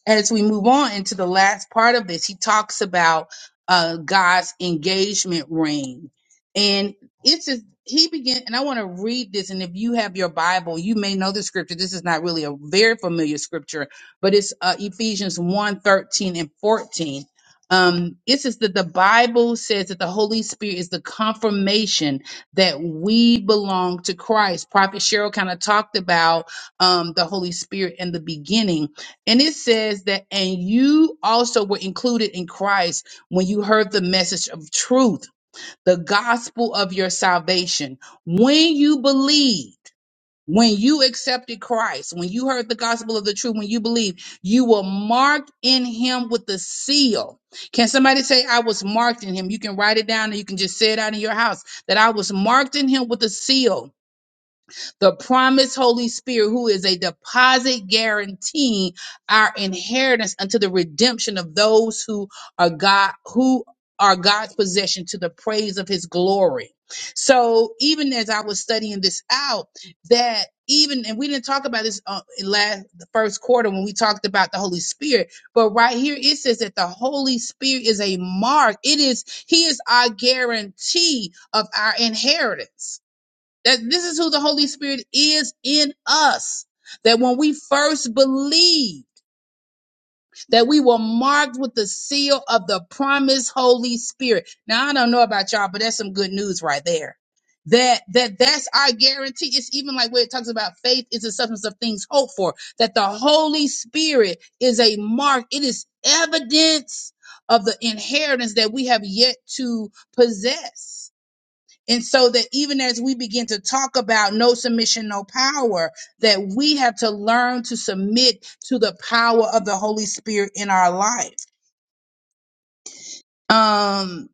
as we move on into the last part of this, he talks about uh, God's engagement ring, and it's a, he began. And I want to read this. And if you have your Bible, you may know the scripture. This is not really a very familiar scripture, but it's uh, Ephesians one 13 and fourteen. Um, it says that the Bible says that the Holy Spirit is the confirmation that we belong to Christ. Prophet Cheryl kind of talked about um, the Holy Spirit in the beginning and it says that, and you also were included in Christ when you heard the message of truth, the gospel of your salvation. When you believed, when you accepted Christ, when you heard the gospel of the truth, when you believed, you were marked in him with the seal. Can somebody say, I was marked in him? You can write it down and you can just say it out in your house that I was marked in him with a seal the promised Holy Spirit, who is a deposit guaranteeing our inheritance unto the redemption of those who are God, who are God's possession to the praise of his glory. So even as I was studying this out, that even and we didn't talk about this uh, in last the first quarter when we talked about the Holy Spirit, but right here it says that the Holy Spirit is a mark. It is He is our guarantee of our inheritance. That this is who the Holy Spirit is in us. That when we first believed, that we were marked with the seal of the promised Holy Spirit. Now I don't know about y'all, but that's some good news right there. That that that's our guarantee. It's even like where it talks about faith is the substance of things hoped for. That the Holy Spirit is a mark. It is evidence of the inheritance that we have yet to possess and so that even as we begin to talk about no submission, no power, that we have to learn to submit to the power of the Holy Spirit in our life. Um,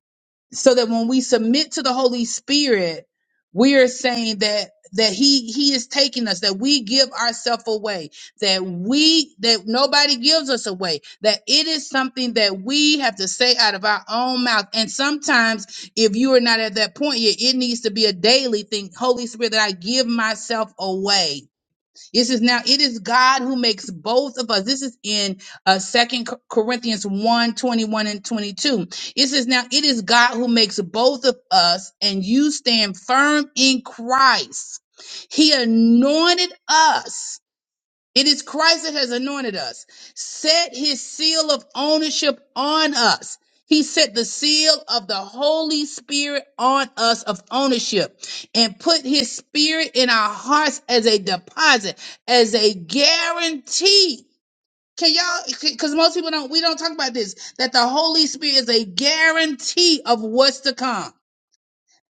so that when we submit to the holy spirit we are saying that that he he is taking us that we give ourselves away that we that nobody gives us away that it is something that we have to say out of our own mouth and sometimes if you are not at that point yet it needs to be a daily thing holy spirit that i give myself away it says, now it is God who makes both of us. This is in uh, 2 Corinthians one 21 and 22. It says, now it is God who makes both of us, and you stand firm in Christ. He anointed us it is Christ that has anointed us, set his seal of ownership on us. He set the seal of the Holy Spirit on us of ownership and put his spirit in our hearts as a deposit, as a guarantee. Can y'all, because most people don't, we don't talk about this, that the Holy Spirit is a guarantee of what's to come.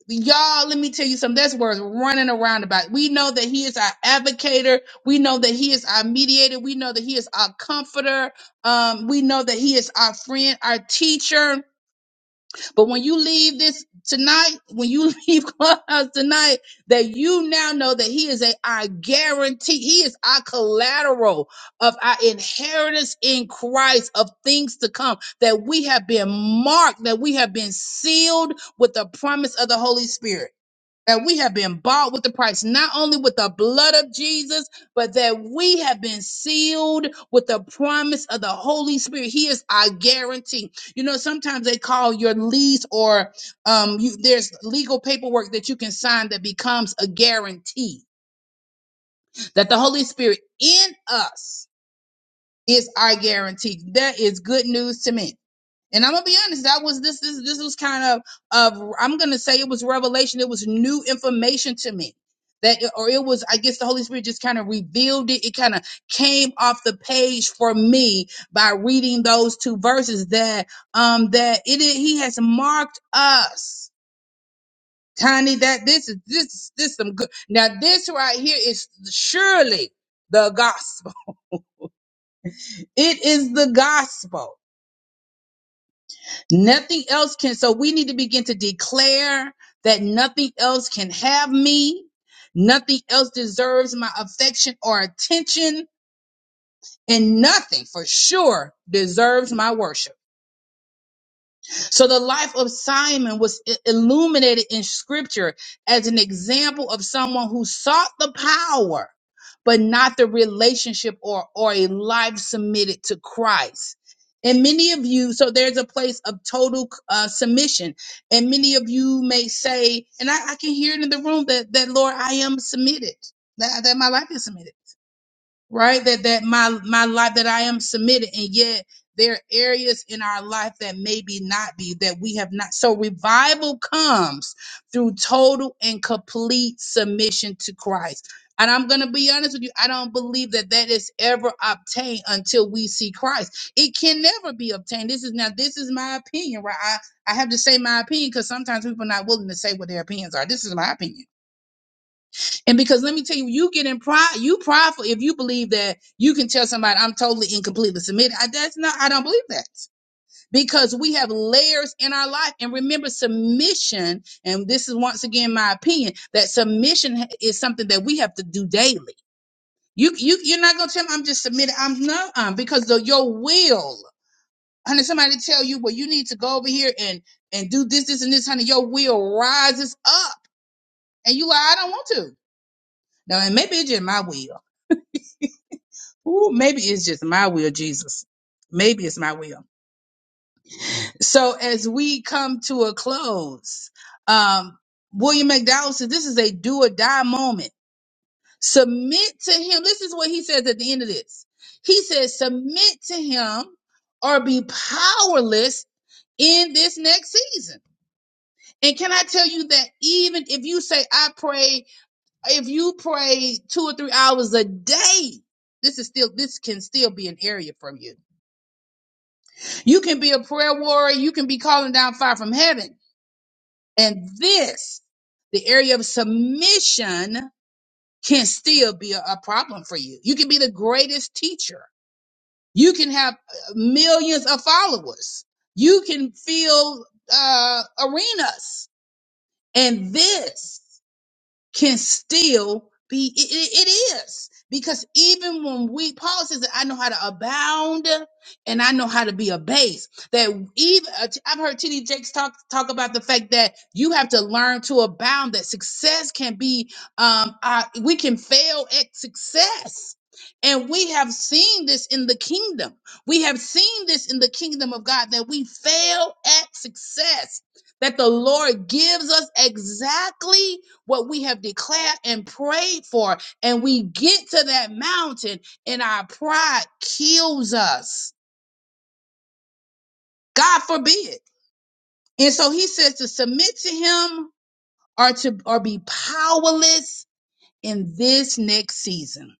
Y'all, let me tell you something. That's words running around about. We know that he is our advocator. We know that he is our mediator. We know that he is our comforter. Um, we know that he is our friend, our teacher. But when you leave this tonight, when you leave Clubhouse tonight, that you now know that he is a our guarantee. He is our collateral of our inheritance in Christ of things to come. That we have been marked, that we have been sealed with the promise of the Holy Spirit that we have been bought with the price, not only with the blood of Jesus, but that we have been sealed with the promise of the Holy Spirit. He is our guarantee. You know, sometimes they call your lease or um, you, there's legal paperwork that you can sign that becomes a guarantee that the Holy Spirit in us is our guarantee. That is good news to me. And I'm gonna be honest, that was this this this was kind of of I'm gonna say it was revelation, it was new information to me. That or it was, I guess the Holy Spirit just kind of revealed it. It kind of came off the page for me by reading those two verses that um that it is, he has marked us. Tiny, that this is this is this some good now this right here is surely the gospel. It is the gospel. Nothing else can. So we need to begin to declare that nothing else can have me. Nothing else deserves my affection or attention. And nothing for sure deserves my worship. So the life of Simon was i- illuminated in scripture as an example of someone who sought the power, but not the relationship or, or a life submitted to Christ. And many of you, so there's a place of total uh, submission. And many of you may say, and I, I can hear it in the room that, that Lord, I am submitted, that, that my life is submitted right that that my my life that i am submitted and yet there are areas in our life that maybe not be that we have not so revival comes through total and complete submission to christ and i'm going to be honest with you i don't believe that that is ever obtained until we see christ it can never be obtained this is now this is my opinion right i i have to say my opinion because sometimes people are not willing to say what their opinions are this is my opinion and because let me tell you, you get in pride, you prideful if you believe that you can tell somebody I'm totally and completely submitted. I, that's not, I don't believe that because we have layers in our life. And remember, submission, and this is once again my opinion, that submission is something that we have to do daily. You, you, you're not going to tell me I'm just submitted. I'm not, um, because the, your will, honey, somebody tell you, well, you need to go over here and, and do this, this, and this, honey, your will rises up. And you like, I don't want to. Now, and maybe it's just my will. Ooh, maybe it's just my will, Jesus. Maybe it's my will. So as we come to a close, um, William McDowell says this is a do or die moment. Submit to him. This is what he says at the end of this. He says, submit to him or be powerless in this next season. And can I tell you that even if you say, I pray, if you pray two or three hours a day, this is still, this can still be an area from you You can be a prayer warrior. You can be calling down fire from heaven. And this, the area of submission, can still be a, a problem for you. You can be the greatest teacher. You can have uh, millions of followers. You can fill uh, arenas. And this can still be it, it it is because even when we Paul says that I know how to abound and I know how to be abased. That even uh, I've heard TD Jakes talk talk about the fact that you have to learn to abound. That success can be um uh, we can fail at success. And we have seen this in the kingdom. We have seen this in the kingdom of God that we fail at success. That the Lord gives us exactly what we have declared and prayed for, and we get to that mountain and our pride kills us. God forbid. And so he says to submit to him or to or be powerless in this next season.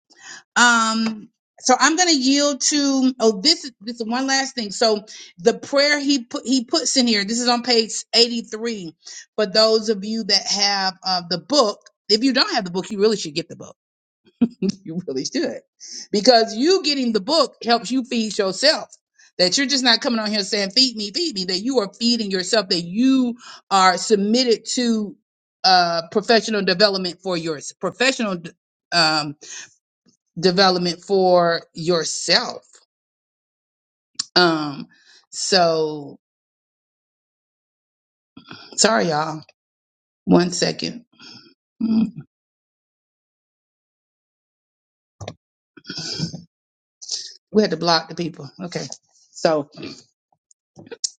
Um so I'm going to yield to oh this is this is one last thing. So the prayer he put he puts in here. This is on page 83 for those of you that have uh, the book. If you don't have the book, you really should get the book you really should. Because you getting the book helps you feed yourself. That you're just not coming on here saying, feed me, feed me, that you are feeding yourself, that you are submitted to uh, professional development for your professional d- um, development for yourself. Um, so sorry, y'all. One second. Mm, We had to block the people. Okay. So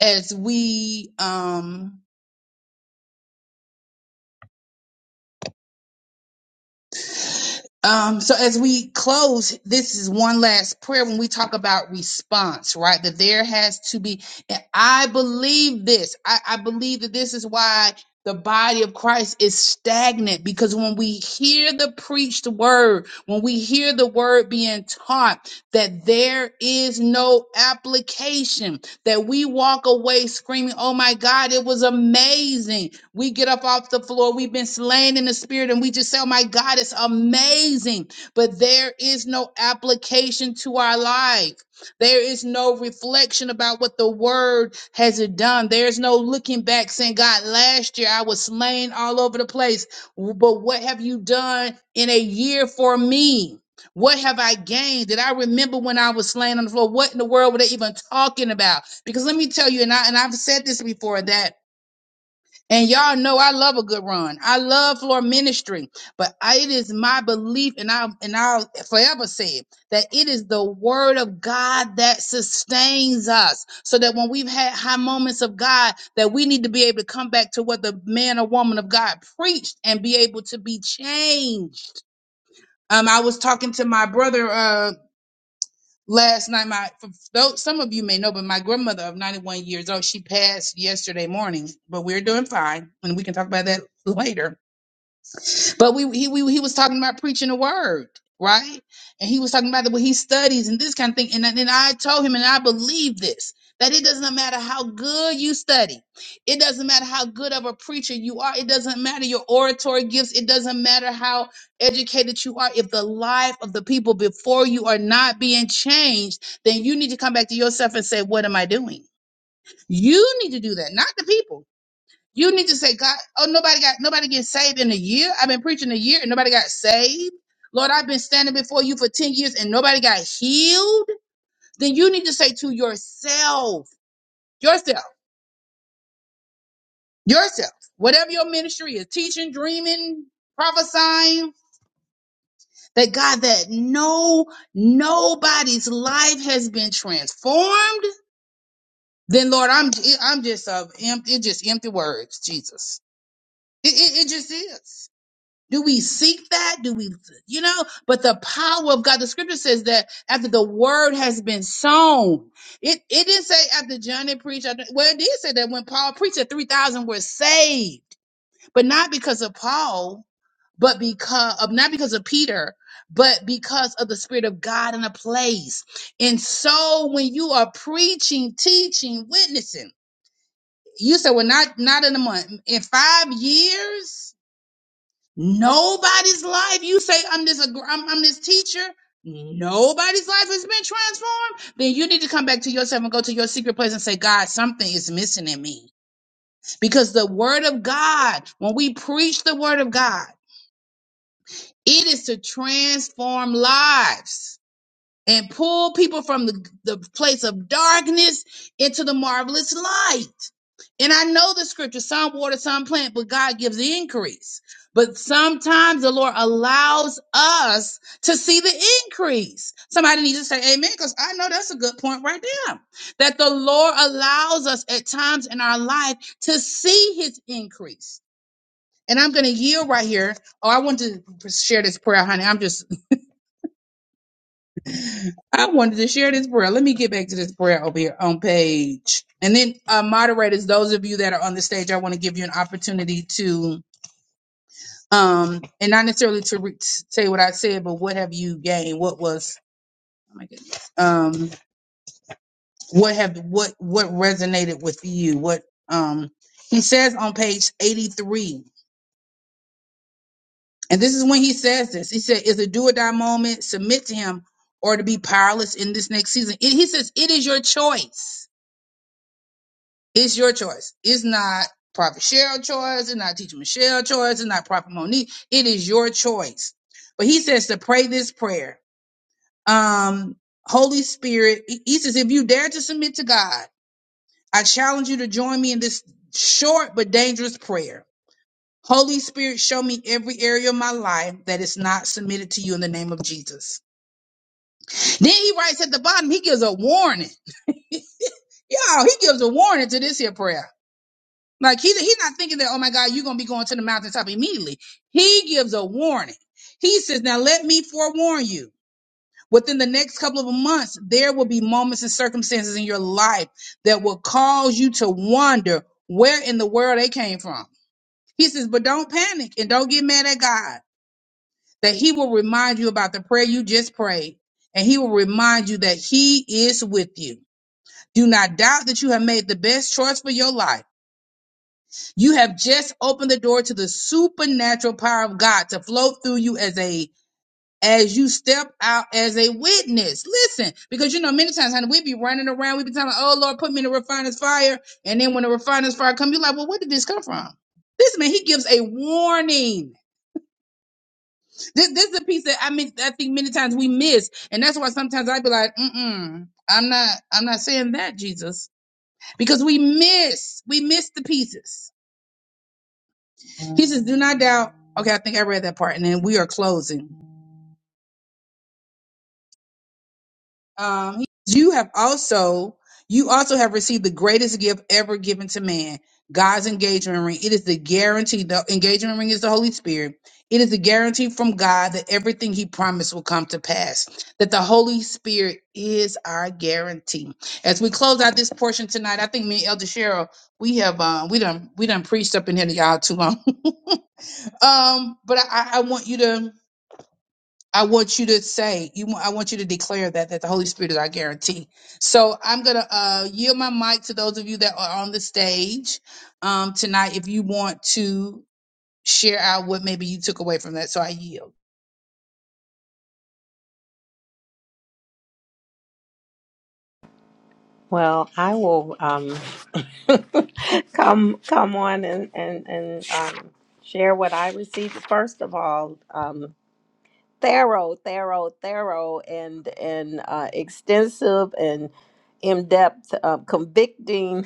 as we, um, Um, so as we close, this is one last prayer when we talk about response, right? That there has to be, and I believe this. I, I believe that this is why the body of Christ is stagnant because when we hear the preached word, when we hear the word being taught, that there is no application, that we walk away screaming, Oh my God, it was amazing we get up off the floor. We've been slain in the spirit and we just say, oh my God, it's amazing. But there is no application to our life. There is no reflection about what the word has done. There's no looking back saying, God, last year I was slain all over the place. But what have you done in a year for me? What have I gained? Did I remember when I was slain on the floor? What in the world were they even talking about? Because let me tell you, and I and I've said this before that and y'all know I love a good run. I love floor ministry, but I, it is my belief, and I and I'll forever say it, that it is the word of God that sustains us. So that when we've had high moments of God, that we need to be able to come back to what the man or woman of God preached and be able to be changed. Um, I was talking to my brother. uh last night my for though some of you may know but my grandmother of 91 years old she passed yesterday morning but we're doing fine and we can talk about that later but we he we, he was talking about preaching the word, right? And he was talking about what he studies and this kind of thing. And then I told him, and I believe this that it doesn't matter how good you study, it doesn't matter how good of a preacher you are, it doesn't matter your oratory gifts, it doesn't matter how educated you are. If the life of the people before you are not being changed, then you need to come back to yourself and say, what am I doing? You need to do that, not the people. You need to say, God, oh, nobody got nobody get saved in a year. I've been preaching a year and nobody got saved. Lord, I've been standing before you for 10 years and nobody got healed. Then you need to say to yourself, yourself, yourself, whatever your ministry is, teaching, dreaming, prophesying, that God, that no, nobody's life has been transformed. Then Lord, I'm I'm just of it just empty words, Jesus. It, it, it just is. Do we seek that? Do we, you know? But the power of God, the scripture says that after the word has been sown, it, it didn't say after John preached, I don't- well, it did say that when Paul preached that 3,000 were saved, but not because of Paul, but because of, not because of Peter, but because of the spirit of God in a place. And so when you are preaching, teaching, witnessing, you said, well, not, not in a month, in five years, Nobody's life. You say I'm this ag- I'm, I'm this teacher. Nobody's life has been transformed. Then you need to come back to yourself and go to your secret place and say, God, something is missing in me. Because the word of God, when we preach the word of God, it is to transform lives and pull people from the, the place of darkness into the marvelous light. And I know the scripture, some water, some plant, but God gives the increase. But sometimes the Lord allows us to see the increase. Somebody needs to say amen, because I know that's a good point right there. That the Lord allows us at times in our life to see his increase. And I'm going to yield right here. Oh, I wanted to share this prayer, honey. I'm just, I wanted to share this prayer. Let me get back to this prayer over here on page. And then, uh, moderators, those of you that are on the stage, I want to give you an opportunity to um, and not necessarily to re- say what I said, but what have you gained? What was oh my goodness, um, what have what what resonated with you? What um, he says on page eighty three, and this is when he says this. He said, "Is a do or die moment. Submit to him, or to be powerless in this next season." It, he says, "It is your choice. It's your choice. It's not." Prophet Cheryl choice, it's not Teacher Michelle choice, it's not Prophet Monique. It is your choice. But he says to pray this prayer um, Holy Spirit. He says, if you dare to submit to God, I challenge you to join me in this short but dangerous prayer. Holy Spirit, show me every area of my life that is not submitted to you in the name of Jesus. Then he writes at the bottom, he gives a warning. Y'all, he gives a warning to this here prayer. Like he, he's not thinking that, oh my God, you're going to be going to the mountaintop immediately. He gives a warning. He says, now let me forewarn you. Within the next couple of months, there will be moments and circumstances in your life that will cause you to wonder where in the world they came from. He says, but don't panic and don't get mad at God, that He will remind you about the prayer you just prayed, and He will remind you that He is with you. Do not doubt that you have made the best choice for your life. You have just opened the door to the supernatural power of God to flow through you as a as you step out as a witness. Listen, because you know, many times, honey, we be running around, we be telling, oh Lord, put me in the refiner's fire. And then when the refiner's fire come, you're like, well, where did this come from? This man, he gives a warning. This, this is a piece that I mean, I think many times we miss. And that's why sometimes I be like, mm-mm, I'm not, I'm not saying that, Jesus. Because we miss, we miss the pieces. He says, do not doubt. Okay, I think I read that part. And then we are closing. um, he- says, you have also you also have received the greatest gift ever given to man god's engagement ring it is the guarantee the engagement ring is the holy spirit it is the guarantee from god that everything he promised will come to pass that the holy spirit is our guarantee as we close out this portion tonight i think me and elder cheryl we have um we done we done preached up in here to y'all too long um but i i I want you to I want you to say you. want- I want you to declare that that the Holy Spirit is our guarantee. So I'm gonna uh, yield my mic to those of you that are on the stage um, tonight. If you want to share out what maybe you took away from that, so I yield.
Well, I will um, come come on and and and um, share what I received. First of all, um, thorough, thorough, thorough, and and uh, extensive and in depth, uh, convicting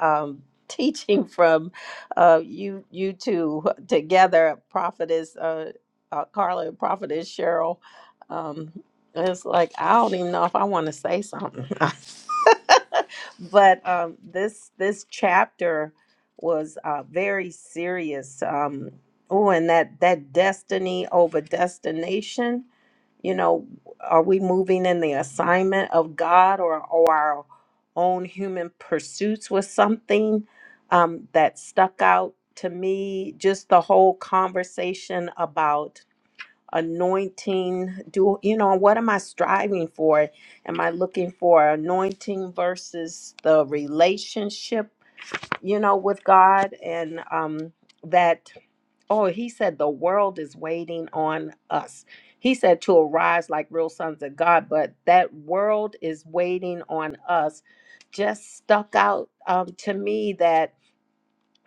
um, teaching from uh, you you two together, prophetess uh, uh, Carla and prophetess Cheryl. Um, it's like I don't even know if I want to say something, but um, this this chapter was uh, very serious. Um, Oh, and that that destiny over destination, you know, are we moving in the assignment of God or, or our own human pursuits was something um, that stuck out to me. Just the whole conversation about anointing. Do you know what am I striving for? Am I looking for anointing versus the relationship, you know, with God and um, that. Oh, he said the world is waiting on us. He said to arise like real sons of God, but that world is waiting on us. Just stuck out um, to me that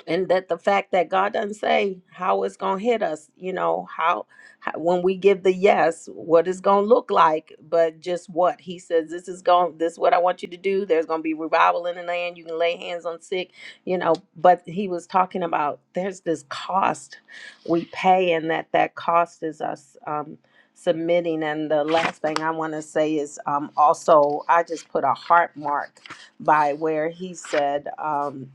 and that the fact that God doesn't say how it's gonna hit us, you know, how, how when we give the yes, what it's gonna look like, but just what He says, this is going, this is what I want you to do. There's gonna be revival in the land. You can lay hands on sick, you know. But He was talking about there's this cost we pay, and that that cost is us. Um, submitting and the last thing i want to say is um also i just put a heart mark by where he said um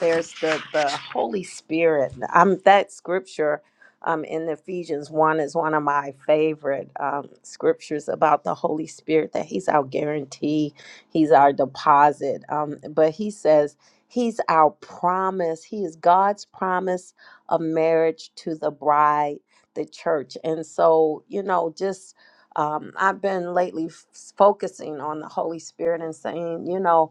there's the the Holy Spirit. Um, that scripture um, in Ephesians one is one of my favorite um, scriptures about the Holy Spirit. That He's our guarantee, He's our deposit. Um, but He says He's our promise. He is God's promise of marriage to the bride, the church. And so, you know, just um, I've been lately f- focusing on the Holy Spirit and saying, you know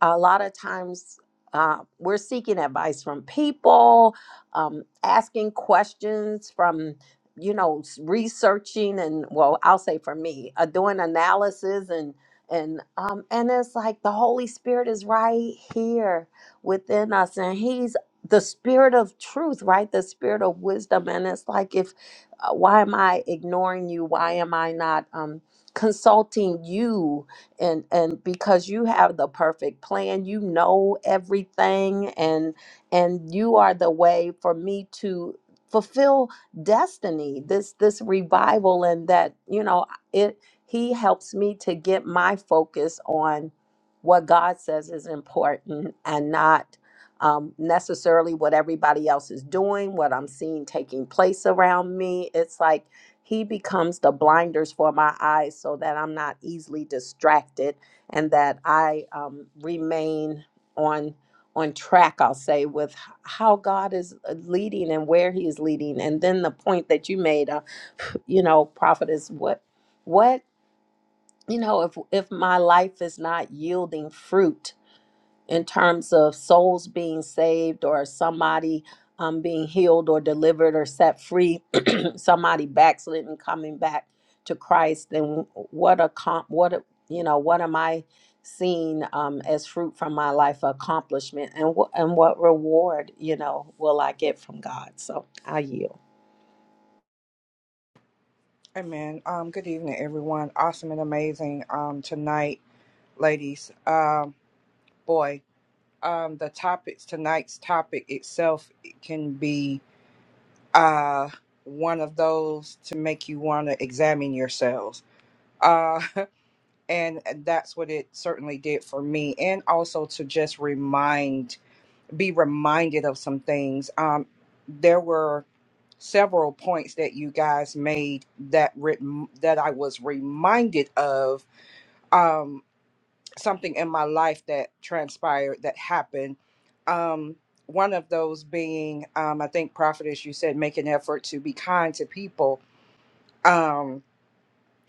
a lot of times uh, we're seeking advice from people, um, asking questions from, you know, s- researching and well, I'll say for me, uh, doing analysis and and um, and it's like the Holy Spirit is right here within us, and He's the Spirit of truth, right? The Spirit of wisdom, and it's like if uh, why am I ignoring you? Why am I not um, consulting you? and and because you have the perfect plan you know everything and and you are the way for me to fulfill destiny this this revival and that you know it he helps me to get my focus on what god says is important and not um, necessarily what everybody else is doing what i'm seeing taking place around me it's like he becomes the blinders for my eyes so that I'm not easily distracted and that I um, remain on on track I'll say with h- how God is uh, leading and where he is leading and then the point that you made uh, you know prophet is what what you know if if my life is not yielding fruit in terms of souls being saved or somebody um, being healed or delivered or set free, somebody backslidden coming back to Christ, then what a comp, what a, you know, what am I seeing um, as fruit from my life accomplishment, and what and what reward you know will I get from God? So I yield.
Amen. Um, good evening, everyone. Awesome and amazing um, tonight, ladies. Um, boy, um, the topics tonight's topic itself can be uh, one of those to make you want to examine yourselves, uh, and that's what it certainly did for me, and also to just remind, be reminded of some things. Um, there were several points that you guys made that re- that I was reminded of um, something in my life that transpired that happened. Um, one of those being, um, I think, prophetess, you said, make an effort to be kind to people. Um,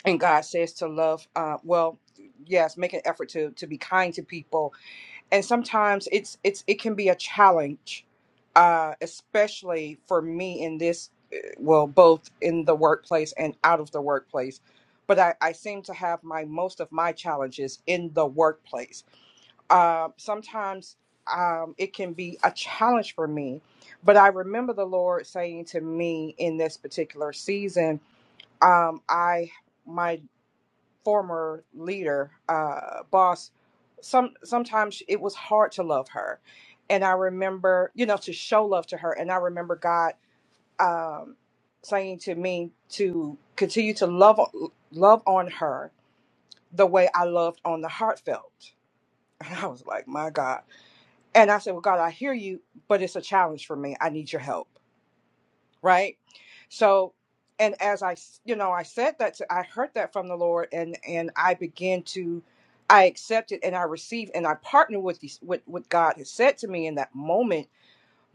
and God says to love. Uh, well, yes, make an effort to to be kind to people. And sometimes it's it's it can be a challenge, uh, especially for me in this, uh, well, both in the workplace and out of the workplace. But I, I seem to have my most of my challenges in the workplace uh, sometimes um, it can be a challenge for me. But I remember the Lord saying to me in this particular season, um, I my former leader, uh, boss, some sometimes it was hard to love her, and I remember you know to show love to her, and I remember God um, saying to me to continue to love love on her the way I loved on the heartfelt. And I was like, my God. And I said, Well, God, I hear you, but it's a challenge for me. I need your help. Right. So, and as I, s- you know, I said that, to, I heard that from the Lord and, and I began to, I accepted and I received and I partnered with these, with what God has said to me in that moment,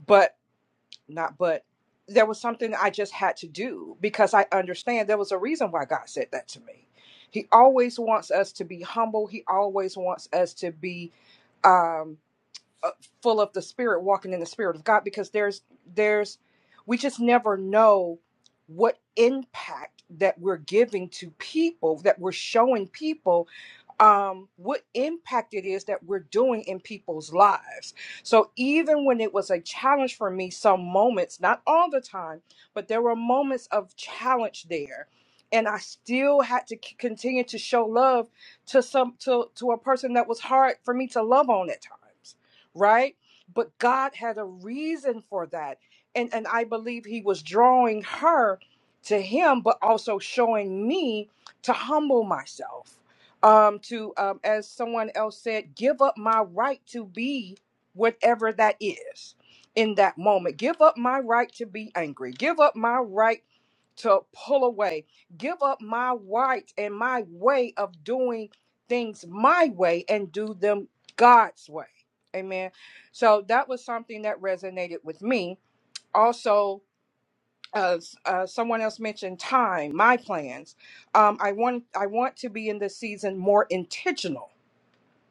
but not, but there was something I just had to do because I understand there was a reason why God said that to me. He always wants us to be humble. He always wants us to be, um, uh, full of the spirit walking in the spirit of god because there's there's we just never know what impact that we're giving to people that we're showing people um, what impact it is that we're doing in people's lives. So even when it was a challenge for me, some moments, not all the time, but there were moments of challenge there. And I still had to c- continue to show love to some to, to a person that was hard for me to love on at times, right? But God had a reason for that. And and I believe he was drawing her to him, but also showing me to humble myself um to um as someone else said give up my right to be whatever that is in that moment give up my right to be angry give up my right to pull away give up my right and my way of doing things my way and do them god's way amen so that was something that resonated with me also as uh, someone else mentioned time my plans um, i want i want to be in this season more intentional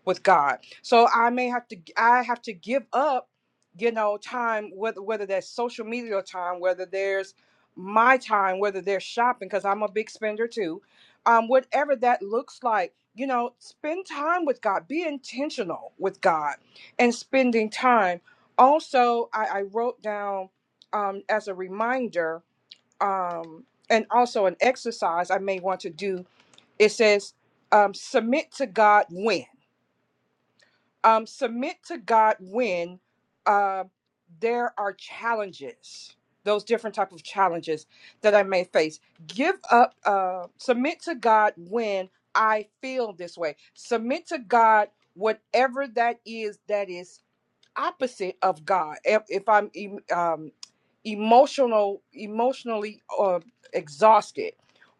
with God. So I may have to I have to give up, you know, time whether whether that's social media time, whether there's my time, whether there's shopping because I'm a big spender too. Um whatever that looks like, you know, spend time with God. Be intentional with God and spending time. Also, I, I wrote down um as a reminder um and also an exercise I may want to do. It says um submit to God when um, submit to God when uh, there are challenges, those different type of challenges that I may face. Give up, uh, submit to God when I feel this way. Submit to God whatever that is that is opposite of God. If, if I'm em- um, emotional, emotionally uh, exhausted,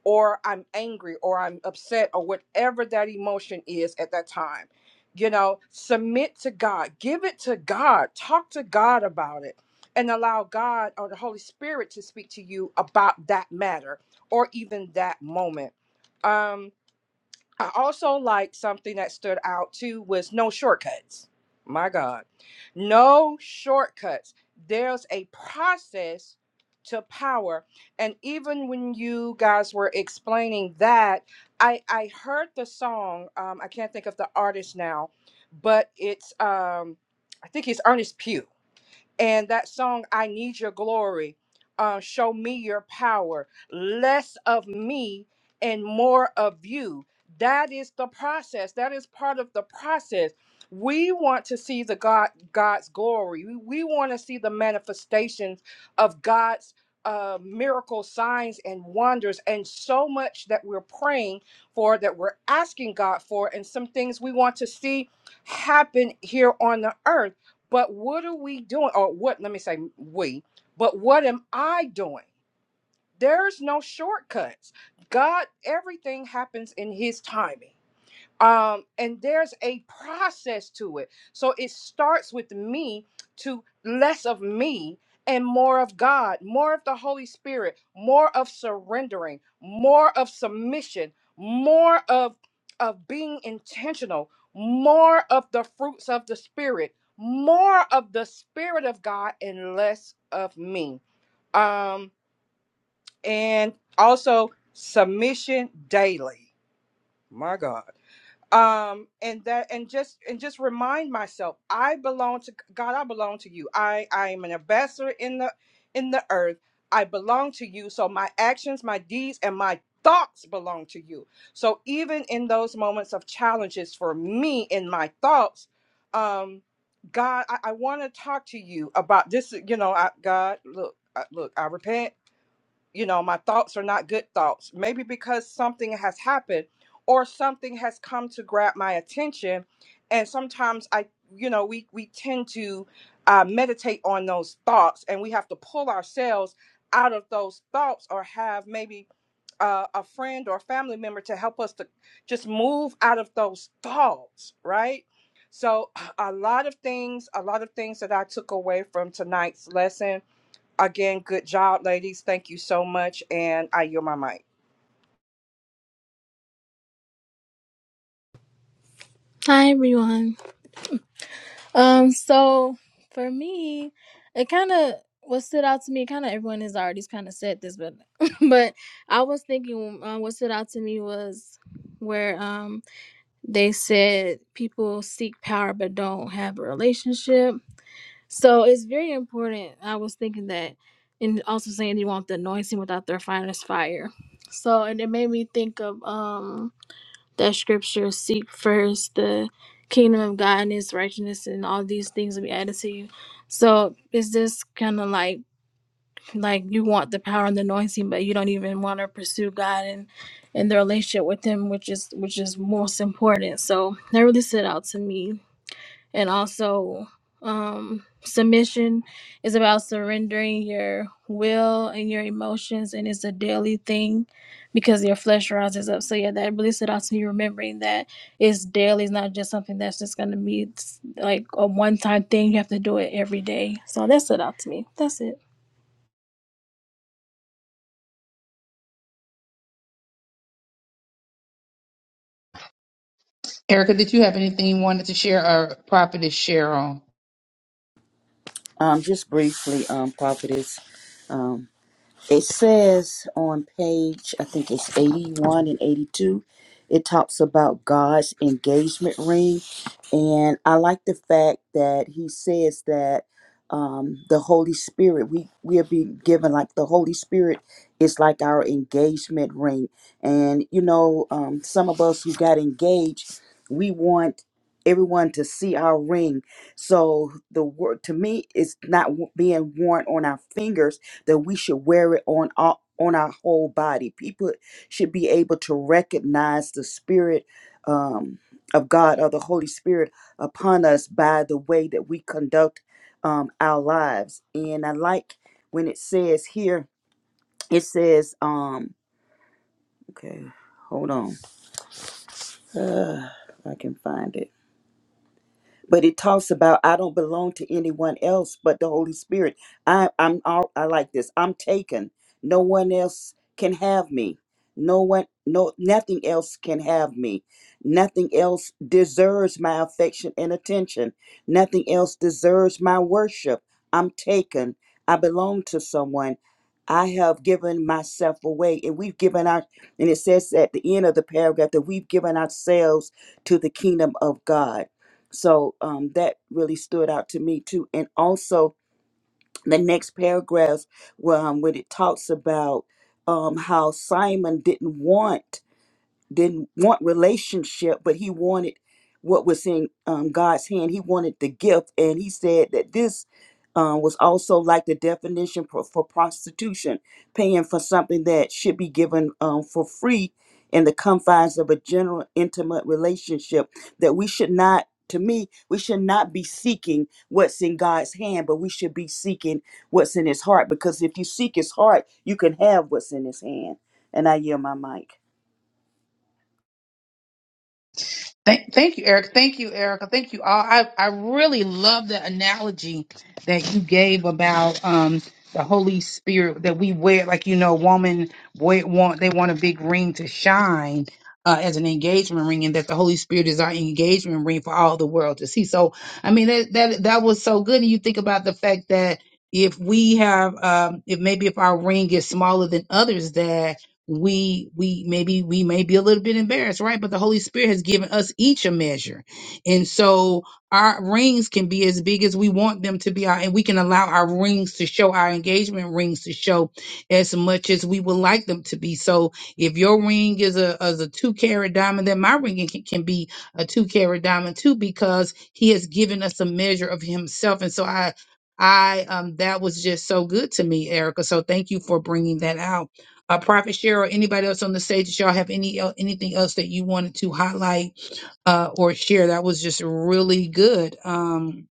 or I'm angry, or I'm upset, or whatever that emotion is at that time, you know, submit to God, give it to God, talk to God about it, and allow God or the Holy Spirit to speak to you about that matter or even that moment. Um, I also like something that stood out too was no shortcuts. My God, no shortcuts. There's a process to power, and even when you guys were explaining that, I I heard the song. Um, I can't think of the artist now, but it's um, I think it's Ernest Pugh and that song i need your glory uh, show me your power less of me and more of you that is the process that is part of the process we want to see the god god's glory we, we want to see the manifestations of god's uh, miracle signs and wonders and so much that we're praying for that we're asking god for and some things we want to see happen here on the earth but what are we doing? Or what, let me say we, but what am I doing? There's no shortcuts. God, everything happens in His timing um and there's a process to it so it starts with me to less of me and more of god more of the holy spirit more of surrendering more of submission more of of being intentional more of the fruits of the spirit more of the spirit of god and less of me um and also submission daily my god um and that and just and just remind myself i belong to god i belong to you i i am an ambassador in the in the earth i belong to you so my actions my deeds and my thoughts belong to you so even in those moments of challenges for me in my thoughts um god i, I want to talk to you about this you know I, god look I- look i repent you know my thoughts are not good thoughts maybe because something has happened or something has come to grab my attention and sometimes i you know we we tend to uh, meditate on those thoughts and we have to pull ourselves out of those thoughts or have maybe uh, a friend or a family member to help us to just move out of those thoughts right so a lot of things a lot of things that i took away from tonight's lesson Again, good job, ladies. Thank you so much. And I yield my mic.
Hi everyone. Um, so for me, it kind of what stood out to me. Kind of everyone has already kind of said this, but but I was thinking uh, what stood out to me was where um they said people seek power but don't have a relationship. So it's very important. I was thinking that, and also saying they want the anointing without their finest fire. So and it made me think of um that scripture seek first the kingdom of God and his righteousness and all these things will be added to you. So is this kind of like like you want the power and the anointing, but you don't even want to pursue God and and the relationship with him, which is which is most important. So that really stood out to me and also um submission is about surrendering your will and your emotions and it's a daily thing because your flesh rises up so yeah that really stood out to me remembering that it's daily it's not just something that's just going to be it's like a one-time thing you have to do it every day so that stood out to me that's it
Erica, did you have anything you wanted to share, or property share on?
Um, just briefly, um, prophetess, um, it says on page, I think it's 81 and 82, it talks about God's engagement ring. And I like the fact that he says that um, the Holy Spirit, we, we will be given like the Holy Spirit is like our engagement ring. And, you know, um, some of us who got engaged, we want everyone to see our ring. So the word to me is not w- being worn on our fingers that we should wear it on our on our whole body. People should be able to recognize the spirit um, of God or the Holy Spirit upon us by the way that we conduct um, our lives. And I like when it says here, it says, um, okay, hold on, uh, I can find it. but it talks about I don't belong to anyone else but the Holy Spirit. I, I'm all I like this. I'm taken. No one else can have me. No one, no, nothing else can have me. Nothing else deserves my affection and attention. Nothing else deserves my worship. I'm taken. I belong to someone. I have given myself away, and we've given our. And it says at the end of the paragraph that we've given ourselves to the kingdom of God so um, that really stood out to me too. And also the next paragraph well, um, when it talks about um, how Simon didn't want didn't want relationship, but he wanted what was in um, God's hand. He wanted the gift, and he said that this uh, was also like the definition for, for prostitution, paying for something that should be given um, for free in the confines of a general intimate relationship. That we should not, to me, we should not be seeking what's in God's hand, but we should be seeking what's in His heart. Because if you seek His heart, you can have what's in His hand. And I yield my mic.
Thank, thank you, Eric. Thank you, Erica. Thank you all. I, I really love the analogy that you gave about um the Holy Spirit that we wear, like you know, woman wa- want they want a big ring to shine uh, as an engagement ring, and that the Holy Spirit is our engagement ring for all the world to see. So, I mean, that that that was so good. And you think about the fact that if we have, um, if maybe if our ring is smaller than others, that we we maybe we may be a little bit embarrassed right but the holy spirit has given us each a measure and so our rings can be as big as we want them to be our, and we can allow our rings to show our engagement rings to show as much as we would like them to be so if your ring is a is a two carat diamond then my ring can, can be a two carat diamond too because he has given us a measure of himself and so i i um that was just so good to me erica so thank you for bringing that out uh, Prophet Cheryl, anybody else on the stage, did y'all have any el- anything else that you wanted to highlight uh, or share? That was just really good. Um,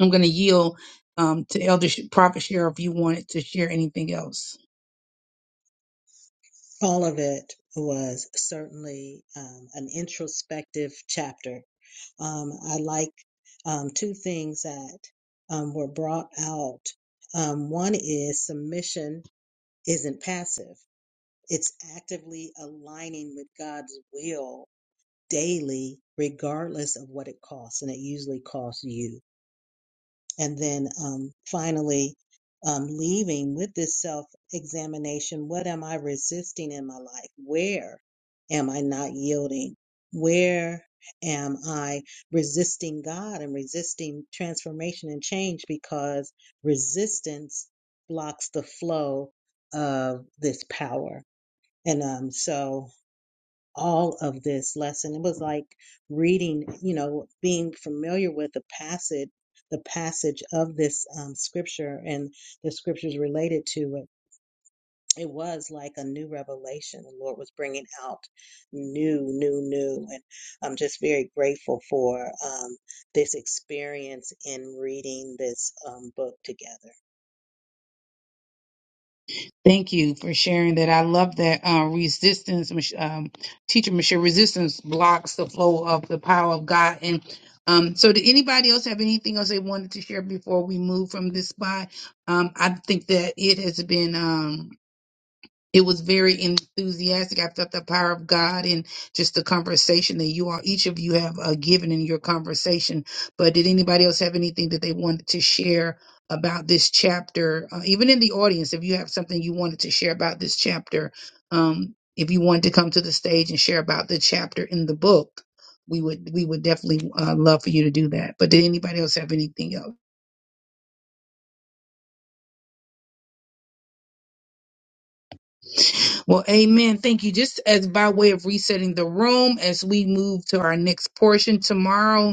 I'm going to yield um, to Elder Sh- Prophet Cheryl if you wanted to share anything else.
All of it was certainly um, an introspective chapter. Um, I like um, two things that um, were brought out. Um, one is submission isn't passive. It's actively aligning with God's will daily, regardless of what it costs. And it usually costs you. And then um, finally, um, leaving with this self examination what am I resisting in my life? Where am I not yielding? Where am I resisting God and resisting transformation and change? Because resistance blocks the flow of this power. And um, so all of this lesson. It was like reading, you know, being familiar with the passage, the passage of this um, scripture and the scriptures related to it. It was like a new revelation. The Lord was bringing out new, new, new, and I'm just very grateful for um, this experience in reading this um, book together.
Thank you for sharing that. I love that uh, resistance, Mich- um, teacher Michelle, resistance blocks the flow of the power of God. And um, so, did anybody else have anything else they wanted to share before we move from this spot? Um, I think that it has been. Um, it was very enthusiastic. I felt the power of God and just the conversation that you all, each of you have uh, given in your conversation. But did anybody else have anything that they wanted to share about this chapter? Uh, even in the audience, if you have something you wanted to share about this chapter, um, if you wanted to come to the stage and share about the chapter in the book, we would we would definitely uh, love for you to do that. But did anybody else have anything else? Well, amen. Thank you. Just as by way of resetting the room, as we move to our next portion tomorrow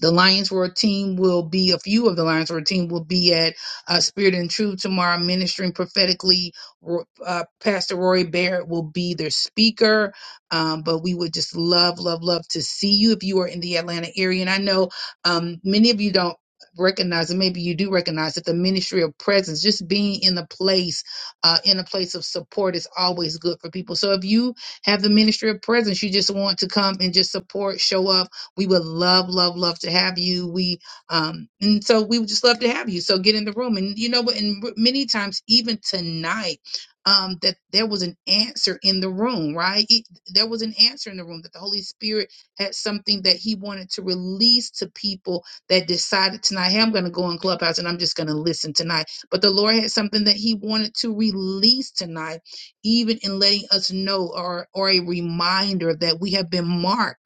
the Lions Roar team will be, a few of the Lions Roar team will be at uh, Spirit and Truth tomorrow ministering prophetically. Ro- Uh, Pastor Roy Barrett will be their speaker. Um, but we would just love, love, love to see you if you are in the Atlanta area. And I know um, many of you don't recognize, and maybe you do recognize that the ministry of presence, just being in the place, uh, in a place of support is always good for people. So if you have the ministry of presence, you just want to come and just support, show up, we would love, love, love to have you. We um, and so we would just love to have you. So get in the room, and you know what? And many times, even tonight, um, that there was an answer in the room, right? It, there was an answer in the room that the Holy Spirit had something that He wanted to release to people that decided tonight, hey, I'm going to go in Clubhouse and I'm just going to listen tonight. But the Lord had something that He wanted to release tonight, even in letting us know or or a reminder that we have been marked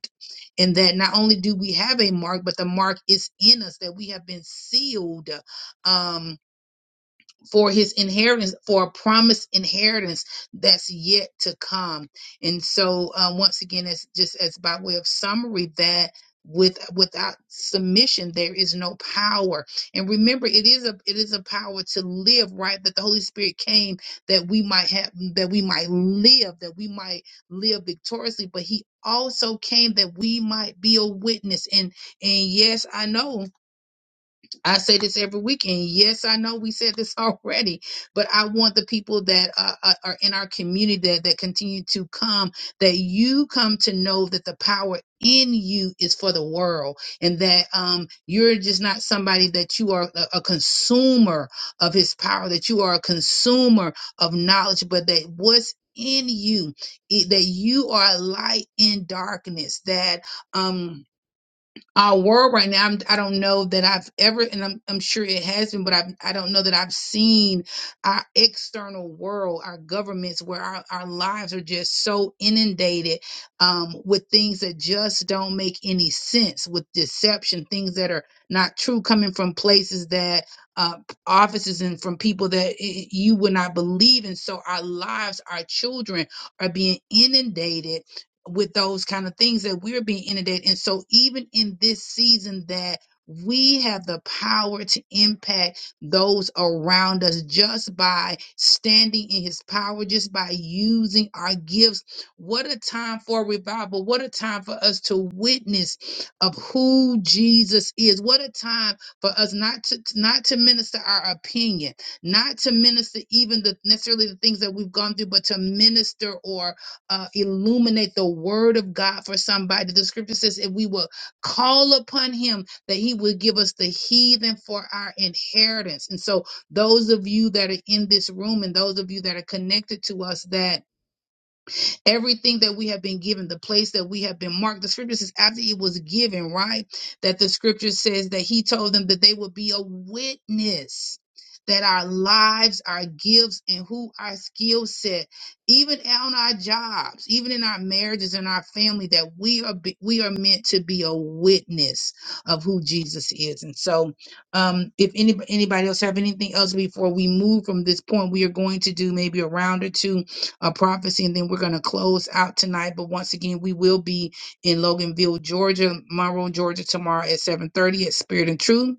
and that not only do we have a mark, but the mark is in us that we have been sealed. Um, for his inheritance, for a promised inheritance that's yet to come. And so, uh, once again, it's just as by way of summary that with without submission there is no power and remember it is a it is a power to live right that the holy spirit came that we might have that we might live that we might live victoriously but he also came that we might be a witness and and yes i know I say this every weekend. Yes, I know we said this already, but I want the people that are, are are in our community that, that continue to come, that you come to know that the power in you is for the world and that um, you're just not somebody that you are a, a consumer of his power, that you are a consumer of knowledge, but that what's in you, it, that you are a light in darkness, that, um, our world right now. I'm, I don't know that I've ever, and I'm, I'm sure it has been, but I've, I don't know that I've seen our external world, our governments, where our, our lives are just so inundated um, with things that just don't make any sense, with deception, things that are not true, coming from places that uh, offices and from people that i- i- you would not believe. And so our lives, our children are being inundated with those kind of things that we're being inundated. And so, even in this season, that we have the power to impact those around us just by standing in his power, just by using our gifts. What a time for revival! What a time for us to witness of who Jesus is. What a time for us not to not to minister our opinion, not to minister even the necessarily the things that we've gone through, but to minister or uh, illuminate the word of God for somebody. The scripture says, if we will call upon him, that he will give us the heathen for our inheritance. And so, those of you that are in this room and those of you that are connected to us, that Everything that we have been given, the place that we have been marked, the scripture says after it was given, right? That the scripture says that he told them that they would be a witness. That our lives, our gifts, and who our skill set, even on our jobs, even in our marriages and our family, that we are be- we are meant to be a witness of who Jesus is. And so, um, if any, anybody else have anything else before we move from this point, we are going to do maybe a round or two a prophecy, and then we're going to close out tonight. But once again, we will be in Loganville, Georgia, Monroe, Georgia, tomorrow at 7:30 at Spirit and Truth.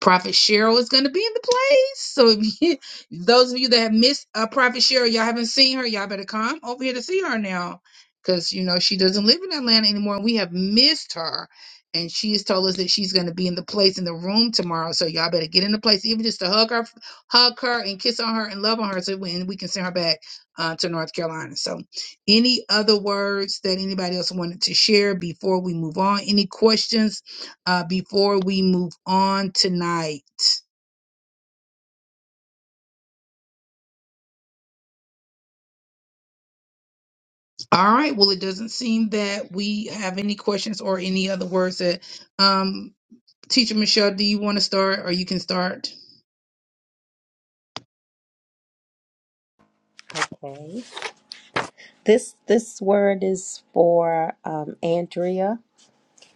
Prophet Cheryl is going to be in the place. So if you, those of you that have missed uh, Prophet Cheryl, y'all haven't seen her, y'all better come over here to see her now. Because, you know, she doesn't live in Atlanta anymore. we have missed her. And she has told us that she's going to be in the place in the room tomorrow. So y'all better get in the place, even just to hug her, hug her and kiss on her and love on her so we, and we can send her back uh, to North Carolina. So any other words that anybody else wanted to share before we move on? Any questions? uh, before we move on tonight. All right. Well, it doesn't seem that we have any questions or any other words that um, Teacher Michelle, do you want to start or you can start?
Okay. This this word is for um, Andrea.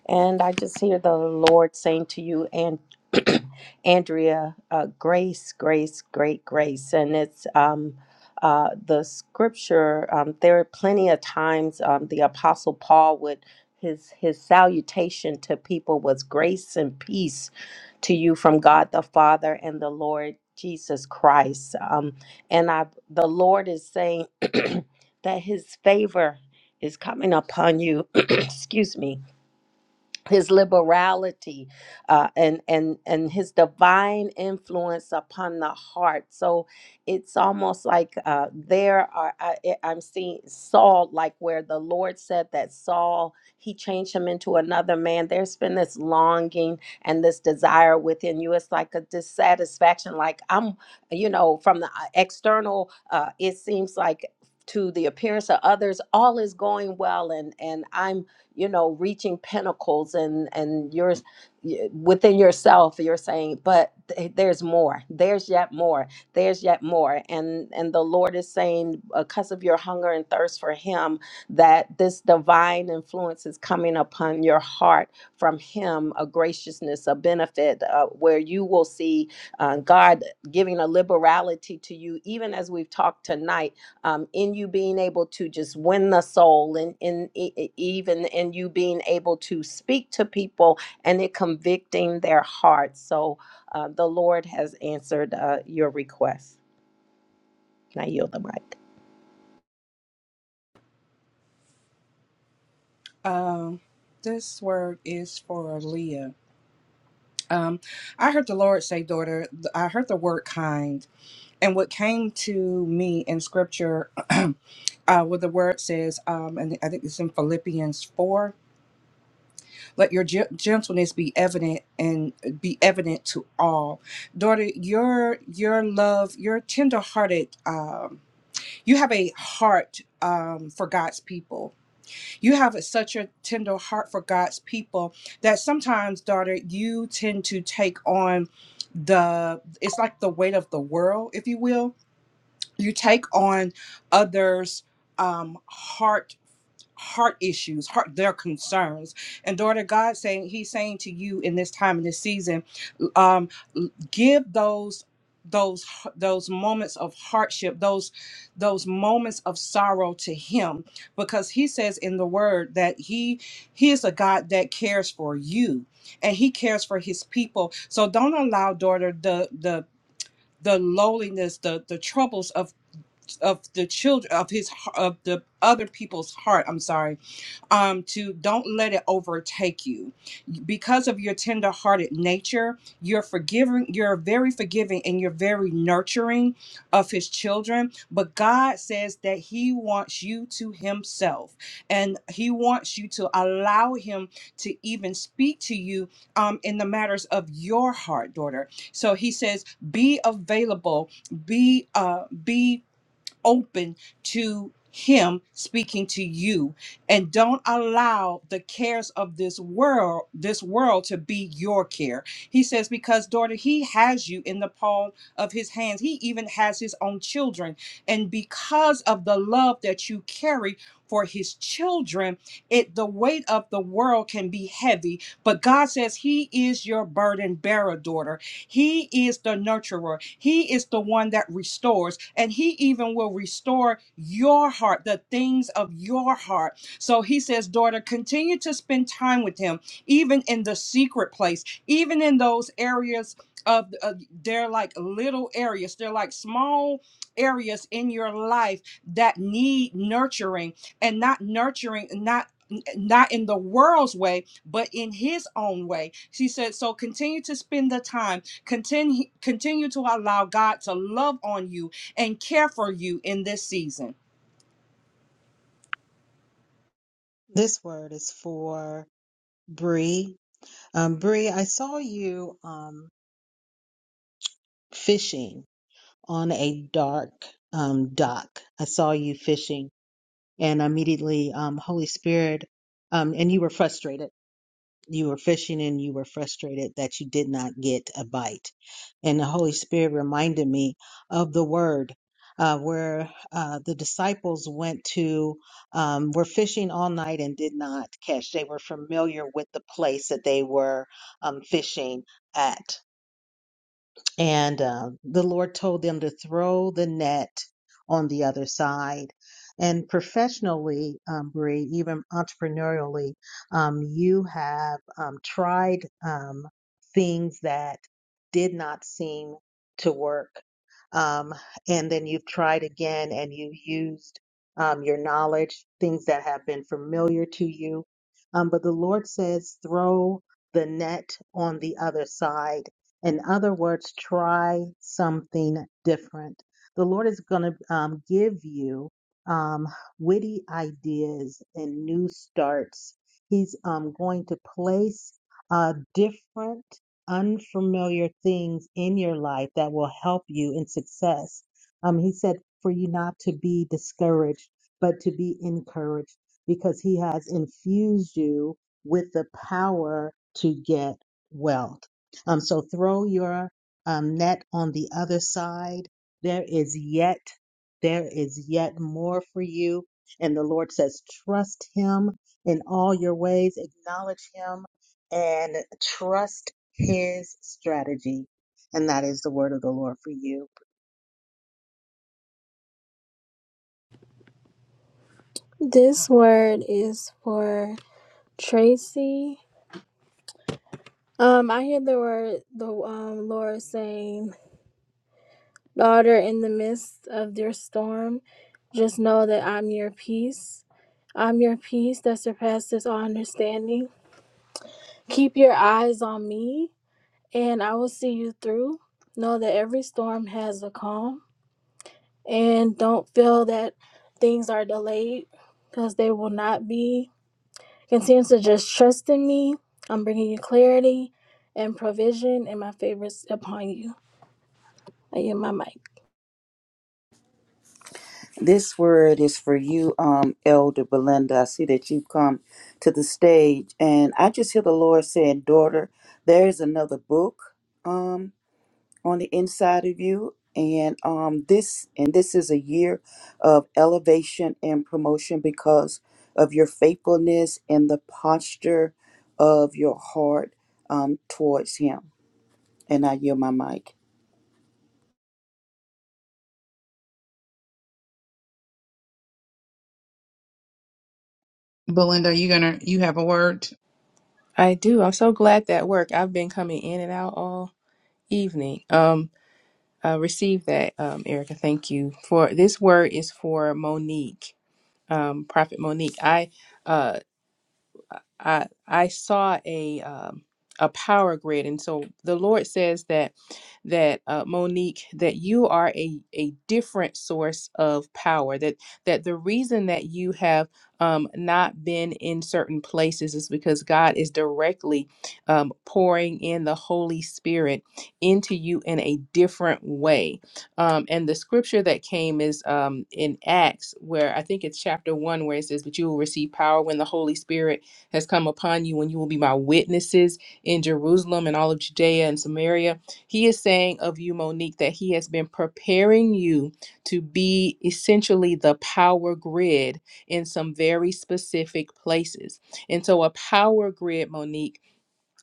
And I just hear the Lord saying to you and Andrea, uh, grace, grace, great grace. And it's um, uh, the scripture, um, there are plenty of times um, the Apostle Paul would, his, his salutation to people was grace and peace to you from God the Father and the Lord Jesus Christ. Um, and I, the Lord is saying that his favor is coming upon you. Excuse me his liberality uh, and and and his divine influence upon the heart. So it's almost like uh, there are I, I- I'm seeing Saul, like where the Lord said that Saul he changed him into another man. There's been this longing and this desire within you. It's like a dissatisfaction. Like I'm, you know, from the uh, external, uh, it seems like to the appearance of others all is going well and and i'm you know reaching pinnacles and and you're y- within yourself you're saying but th- there's more there's yet more there's yet more and and the lord is saying because of your hunger and thirst for him that this divine influence is coming upon your heart from him a graciousness a benefit uh, where you will see uh, god giving a liberality to you even as we've talked tonight um, in you being able to just win the soul and in e- e- even in you being able to speak to people and it convicting their hearts so uh, the lord has answered uh, your request and i yield the mic
Um, this word is for Leah. Um, I heard the Lord say, daughter, th- I heard the word kind. And what came to me in scripture, uh, where the word says, um, and I think it's in Philippians 4, let your ge- gentleness be evident and uh, be evident to all. Daughter, your, your love, your tenderhearted, um, you have a heart um, for God's people You have a- such a tender heart for God's people that sometimes, daughter, you tend to take on the, it's like the weight of the world, if you will. You take on others' um, heart heart issues, heart their concerns. And daughter, God saying He's saying to you in this time in this season, um, give those those those moments of hardship those those moments of sorrow to him because he says in the word that he he is a god that cares for you and he cares for his people so don't allow daughter the the the lowliness the the troubles of of the children of his of the other people's heart i'm sorry um to don't let it overtake you because of your tender-hearted nature you're forgiving you're very forgiving and you're very nurturing of his children but god says that he wants you to himself and he wants you to allow him to even speak to you um in the matters of your heart daughter so he says be available be uh be open to him speaking to you and don't allow the cares of this world this world to be your care he says because daughter he has you in the palm of his hands he even has his own children and because of the love that you carry for his children it the weight of the world can be heavy but god says he is your burden bearer daughter he is the nurturer. He is the one that restores. And he even will restore your heart, the things of your heart. So he says, daughter, continue to spend time with him, even in the secret place, even in those areas of uh, they're like little areas they're like small areas in your life that need nurturing and not nurturing not not in the world's way but in his own way she said so continue to spend the time Continue, continue to allow God to love on you and care for you in this season.
This word is for Bree. Um, Bree, I saw you um, fishing on a dark um, dock. I saw you fishing, and immediately, um, Holy Spirit, um, and you were frustrated. You were fishing and you were frustrated that you did not get a bite. And the Holy Spirit reminded me of the word uh, where uh, the disciples went to, um, were fishing all night and did not catch. They were familiar with the place that they were um, fishing at. And uh, the Lord told them to throw the net on the other side. And professionally, um, Bree, even entrepreneurially, um, you have um, tried um, things that did not seem to work. Um, and then you've tried again and you used um, your knowledge, things that have been familiar to you. Um, but the Lord says, throw the net on the other side in other words, try something different. The Lord is going to um, give you um, witty ideas and new starts. He's um, going to place uh, different, unfamiliar things in your life that will help you in success. Um, he said for you not to be discouraged, but to be encouraged because He has infused you with the power to get wealth. Um, so throw your um, net on the other side. There is yet, there is yet more for you. And the Lord says, trust him in all your ways, acknowledge him and trust his strategy. And that is the word of the Lord for you.
This word is for Tracy. Um, I hear the word the um Lord saying Daughter, in the midst of your storm, just know that I'm your peace. I'm your peace that surpasses all understanding. Keep your eyes on me, and I will see you through. Know that every storm has a calm, and don't feel that things are delayed because they will not be. Continue to just trust in me. I'm bringing you clarity and provision, and my favors upon you. I am my mic.
This word is for you, um, Elder Belinda. I see that you've come to the stage, and I just hear the Lord saying, "Daughter, there is another book um, on the inside of you, and um, this and this is a year of elevation and promotion because of your faithfulness and the posture of your heart um, towards Him." And I yield my mic.
Belinda, you gonna you have a word?
I do. I'm so glad that worked. I've been coming in and out all evening. Um, I received that, um, Erica. Thank you for this word is for Monique, um, Prophet Monique. I uh, I I saw a um, a power grid, and so the Lord says that that uh, Monique, that you are a a different source of power. That that the reason that you have um, not been in certain places is because God is directly um, pouring in the Holy Spirit into you in a different way. Um, and the scripture that came is um, in Acts, where I think it's chapter one, where it says, "But you will receive power when the Holy Spirit." has come upon you, and you will be my witnesses in Jerusalem and all of Judea and Samaria. He is saying of you, Monique, that he has been preparing you to be essentially the power grid in some very specific places. And so, a power grid, Monique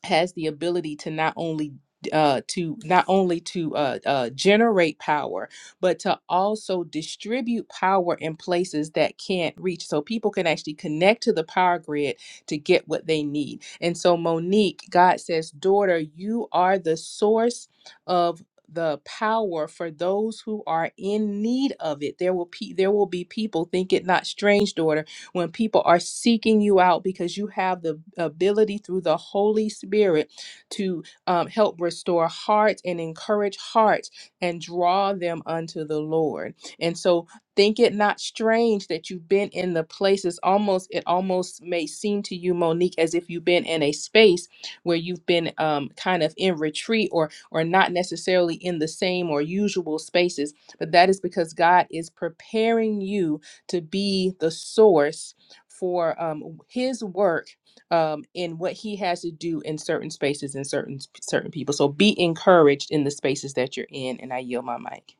has the ability to not only uh to not only to uh, uh generate power but to also distribute power in places that can't reach so people can actually connect to the power grid to get what they need and so monique god says daughter you are the source of the power for those who are in need of it there will pe- there will be people think it not strange daughter when people are seeking you out because you have the ability through the Holy Spirit to um, help restore hearts and encourage hearts and draw them unto the Lord. And so think it not strange that you've been in the places almost it almost may seem to you monique as if you've been in a space where you've been um, kind of in retreat or or not necessarily in the same or usual spaces but that is because god is preparing you to be the source for um, his work um, in what he has to do in certain spaces and certain certain people. So be encouraged in the spaces that you're in. And I yield my mic.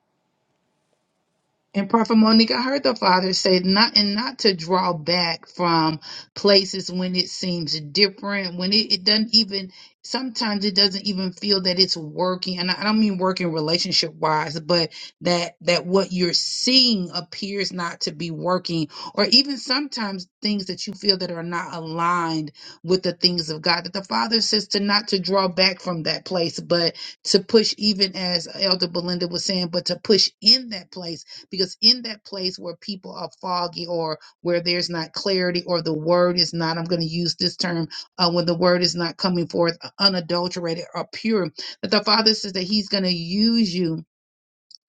And Prophet Monique, I heard the Father say not and not to draw back from places when it seems different, when it, it doesn't even sometimes it doesn't even feel that it's working. And I I don't mean working relationship wise, but that that what you're seeing appears not to be working, or even sometimes things that you feel that are not aligned with the things of God. That the Father says to not to draw back from that place, but to push even as Elder Belinda was saying, but to push in that place because in that place where people are foggy or where there's not clarity or the word is not, I'm going to use this term, uh, when the word is not coming forth uh, unadulterated or pure, that the Father says that He's going to use you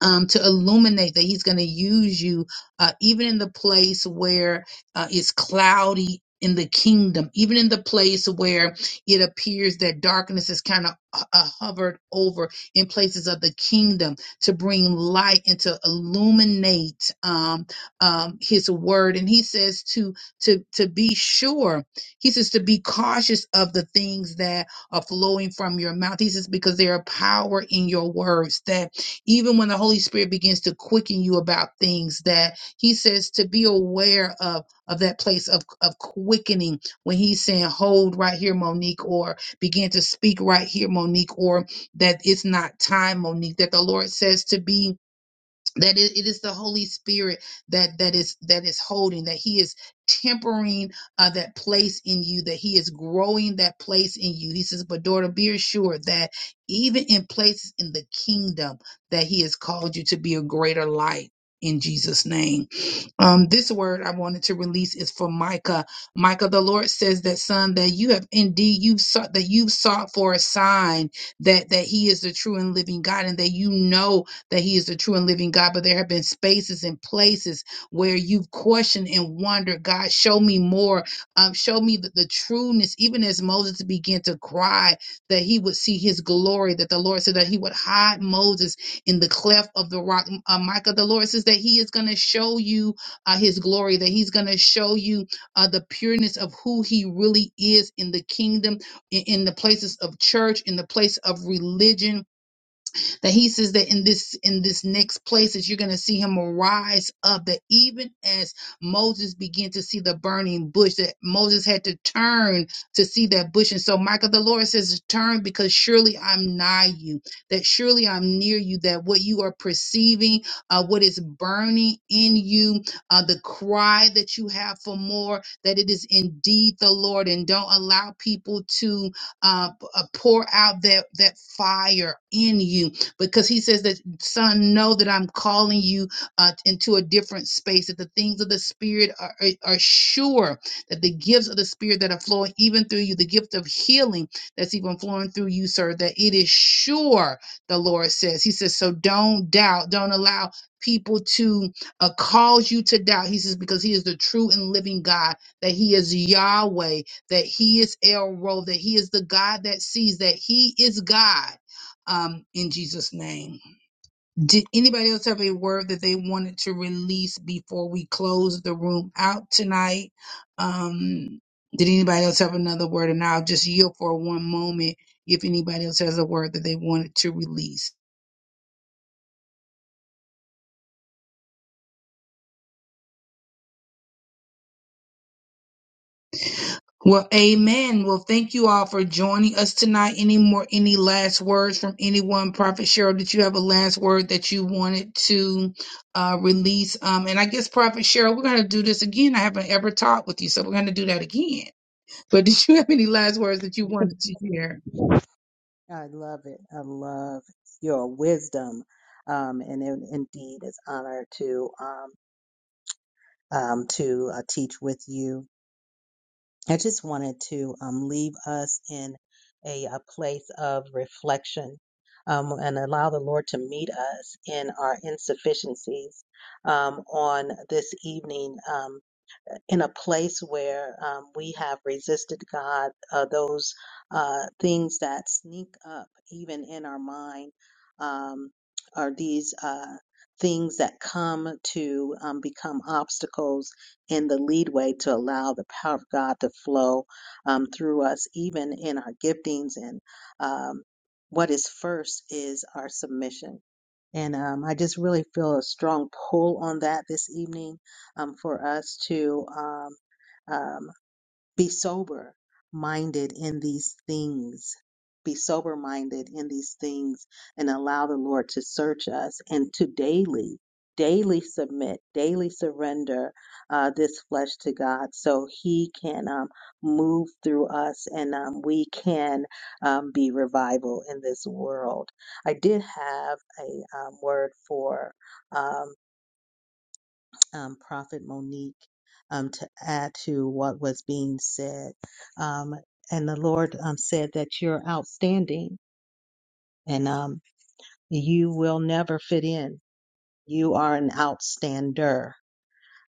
um, to illuminate that he's going to use you uh, even in the place where uh, it's cloudy in the kingdom even in the place where it appears that darkness is kind of uh, hovered over in places of the kingdom to bring light and to illuminate um, um, his word and he says to to to be sure he says to be cautious of the things that are flowing from your mouth he says because there are power in your words that even when the Holy Spirit begins to quicken you about things that he says to be aware of of that place of, of quickening when he's saying hold right here monique or begin to speak right here monique or that it's not time monique that the lord says to be that it, it is the holy spirit that that is that is holding that he is tempering uh, that place in you that he is growing that place in you he says but daughter be assured that even in places in the kingdom that he has called you to be a greater light in jesus name um, this word I wanted to release is for Micah. Micah, the Lord says that son, that you have indeed you've sought that you've sought for a sign that that He is the true and living God, and that you know that He is the true and living God. But there have been spaces and places where you've questioned and wondered, God, show me more. Um, show me the, the trueness. Even as Moses began to cry that he would see His glory, that the Lord said that He would hide Moses in the cleft of the rock. Uh, Micah, the Lord says that He is going to show you uh, his glory, that he's going to show you uh, the pureness of who he really is in the kingdom, in, in the places of church, in the place of religion that he says that in this in this next place that you're going to see him rise up that even as moses began to see the burning bush that moses had to turn to see that bush and so michael the lord says turn because surely i'm nigh you that surely i'm near you that what you are perceiving uh, what is burning in you uh, the cry that you have for more that it is indeed the lord and don't allow people to uh, p- uh, pour out that that fire in you because he says that son know that i'm calling you uh, into a different space that the things of the spirit are, are, are sure that the gifts of the spirit that are flowing even through you the gift of healing that's even flowing through you sir that it is sure the lord says he says so don't doubt don't allow people to uh, cause you to doubt he says because he is the true and living god that he is yahweh that he is el ro that he is the god that sees that he is god um, in Jesus' name. Did anybody else have a word that they wanted to release before we close the room out tonight? Um, did anybody else have another word? And I'll just yield for one moment if anybody else has a word that they wanted to release. Well, amen. Well, thank you all for joining us tonight. Any more, any last words from anyone? Prophet Cheryl, did you have a last word that you wanted to uh, release? Um, and I guess Prophet Cheryl, we're going to do this again. I haven't ever talked with you, so we're going to do that again. But did you have any last words that you wanted to share?
I love it. I love your wisdom. Um, and it indeed is honor to, um, um, to uh, teach with you. I just wanted to um, leave us in a, a place of reflection um, and allow the Lord to meet us in our insufficiencies um, on this evening. Um, in a place where um, we have resisted God, uh, those uh, things that sneak up even in our mind um, are these uh, things that come to um, become obstacles in the leadway to allow the power of God to flow um, through us, even in our giftings. And um, what is first is our submission. And um, I just really feel a strong pull on that this evening um, for us to um, um, be sober minded in these things. Be sober minded in these things and allow the Lord to search us and to daily, daily submit, daily surrender uh, this flesh to God so He can um, move through us and um, we can um, be revival in this world. I did have a um, word for. um, um, Prophet Monique um, to add to what was being said. Um, and the Lord um, said that you're outstanding and um, you will never fit in. You are an outstander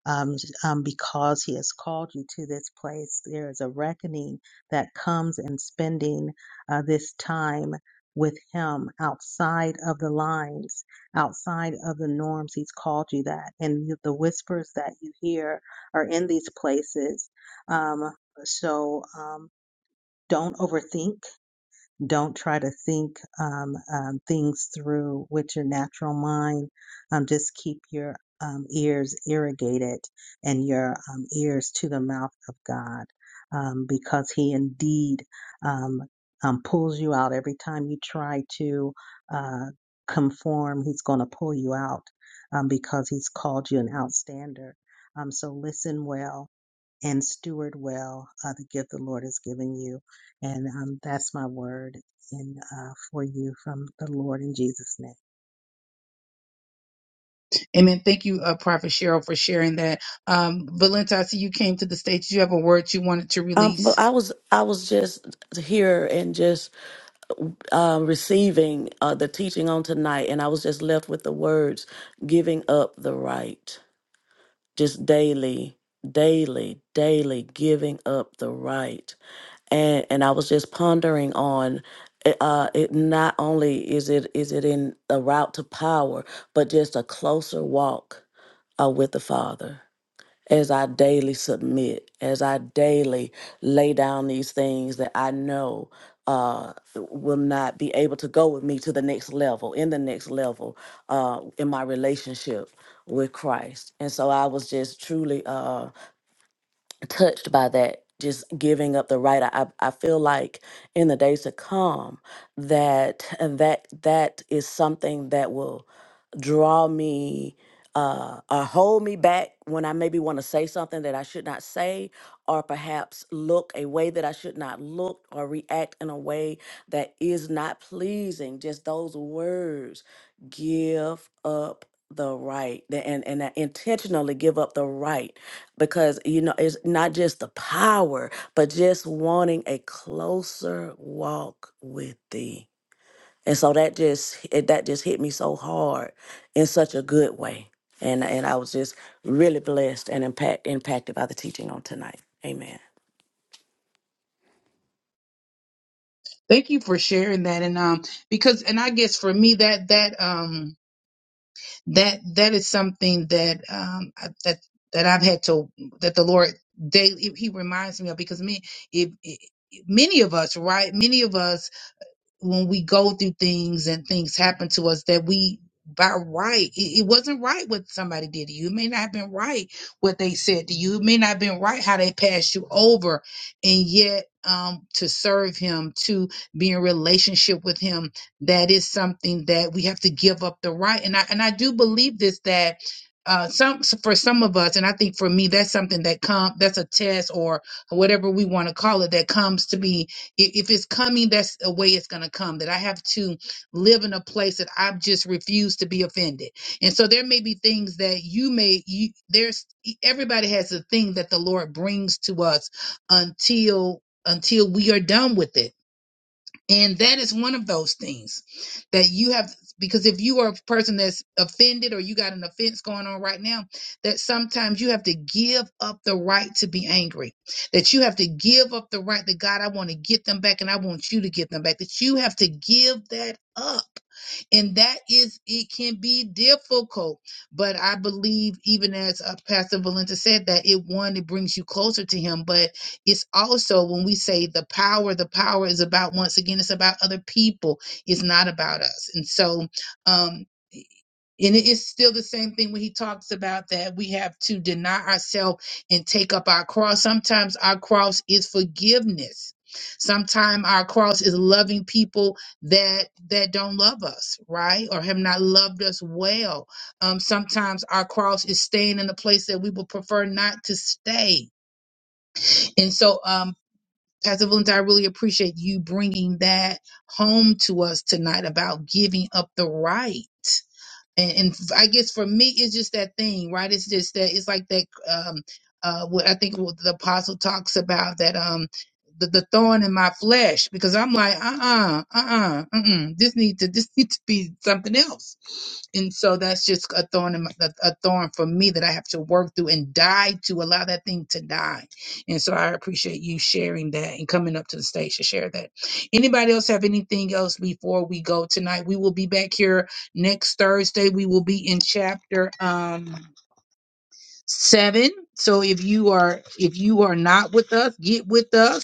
um, um, because he has called you to this place. There is a reckoning that comes in spending uh, this time with him outside of the lines, outside of the norms. He's called you that. And you- the whispers that you hear are in these places. Um, so um, don't overthink. Don't try to think um, um, things through with your natural mind. Um, just keep your um, ears irrigated and your um, ears to the mouth of God um, because He indeed um, um, pulls you out every time you try to uh, conform. He's going to pull you out um, because He's called you an outstander. Um, so listen well and steward well uh, the gift the Lord has given you. And um, that's my word and uh, for you from the Lord in Jesus' name.
Amen. Thank you, uh, Prophet Cheryl, for sharing that. Um, Valenta, I see you came to the stage. Do you have a word you wanted to
Um, but
release?
I was I was just here and just um, receiving uh, the teaching on tonight, and I was just left with the words "giving up the right," just daily, daily, daily giving up the right, and and I was just pondering on. eh, Uh, it not only is it is it in a route to power, but just a closer walk uh, with the Father as I daily submit, as I daily lay down these things that I know uh, will not be able to go with me to the next level, in the next level, uh, in my relationship with Christ. And so I was just truly. Uh, touched by that just giving up the right I, I feel like in the days to come that that that is something that will draw me uh, or hold me back when I maybe want to say something that I should not say, or perhaps look a way that I should not look, or react in a way that is not pleasing. Just those words give up the right, the- and, and that intentionally give up the right because you know it's not just the power but just wanting a closer walk with thee and so that just it, that just hit me so hard in such a good way and and i was just really blessed and impact impacted by the teaching on tonight amen
Thank you for sharing that. And um, because, and I guess for me, that, that, um, that that is something that um I- that that I've had to that the Lord daily he reminds me of because me if, if many of us right many of us when we go through things and things happen to us that we by right it, it wasn't right what somebody did to you it may not have been right what they said to you it may not have been right how they passed you over and yet um to serve him to be in relationship with him that is something that we have to give up the right and i and i do believe this that uh some for some of us and i think for me that's something that come that's a test or whatever we want to call it that comes to be if, if it's coming, that's the way it's going to come. That I have to live in a place that I've just refused to be offended. And so there may be things that you may, you, there's, e, everybody has a thing that the Lord brings to us until, until we are done with it. And that is one of those things that you have, because if you are a person that's offended or you got an offense going on right now, that sometimes you have to give up the right to be angry, that you have to give up the right that God, I want to get them back and I want you to get them back, that you have to give that up and that is, it can be difficult. But I believe, even as uh, Pastor Valenta said, that it one, it brings you closer to Him, but it's also when we say the power, the power is about, once again, it's about other people, it's not about us. And so, um, and it is still the same thing when he talks about that we have to deny ourselves and take up our cross. Sometimes our cross is forgiveness. Sometimes our cross is loving people that that don't love us, right? Or have not loved us well. Um, sometimes our cross is staying in a place that we would prefer not to stay. And so, um, Pastor Valenti, I really appreciate you bringing that home to us tonight about giving up the right and, and f- I guess for me, it's just that thing, right? It's just that it's like that. Um, uh, what I think what the apostle talks about that um, the, the thorn in my flesh because I'm like, uh, uh-uh, uh, uh, uh, this need to this need to be something else and so that's just a thorn in my, a, a thorn for me that I have to work through and die to allow that thing to die. And so I appreciate you sharing that and coming up to the stage to share that. Anybody else have anything else before we go tonight? We will be back here next Thursday. We will be in chapter um 7. So if you are if you are not with us, get with us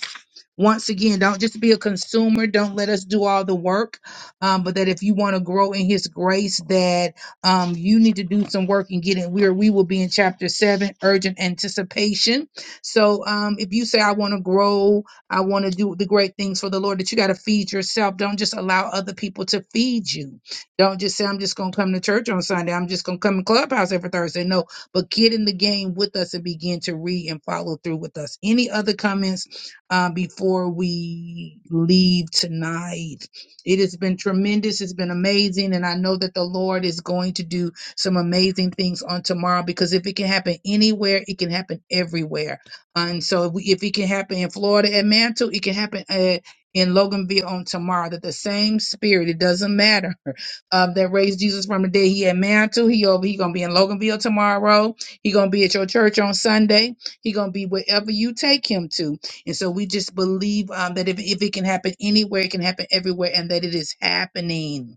once again, don't just be a consumer. Don't let us do all the work. Um, but that if you want to grow in His grace, that um, you need to do some work and get in. Where we will be in chapter seven, urgent anticipation. So um, if you say, I want to grow, I want to do the great things for the Lord, that you got to feed yourself. Don't just allow other people to feed you. Don't just say, I'm just going to come to church on Sunday. I'm just going to come in clubhouse every Thursday. No, but get in the game with us and begin to read and follow through with us. Any other comments? uh, before we leave tonight. It has been tremendous. It's been amazing. And I know that the Lord is going to do some amazing things on tomorrow because if it can happen anywhere, it can happen everywhere. And so if, we, if it can happen in Florida at Mantle, it can happen at, in Loganville on tomorrow. That the same spirit, it doesn't matter, uh, that raised Jesus from the dead. He at Mantle. He over. He gonna be in Loganville tomorrow. He gonna be at your church on Sunday. He gonna be wherever you take him to and so we just believe um, that if, if it can happen anywhere, it can happen everywhere, and that it is happening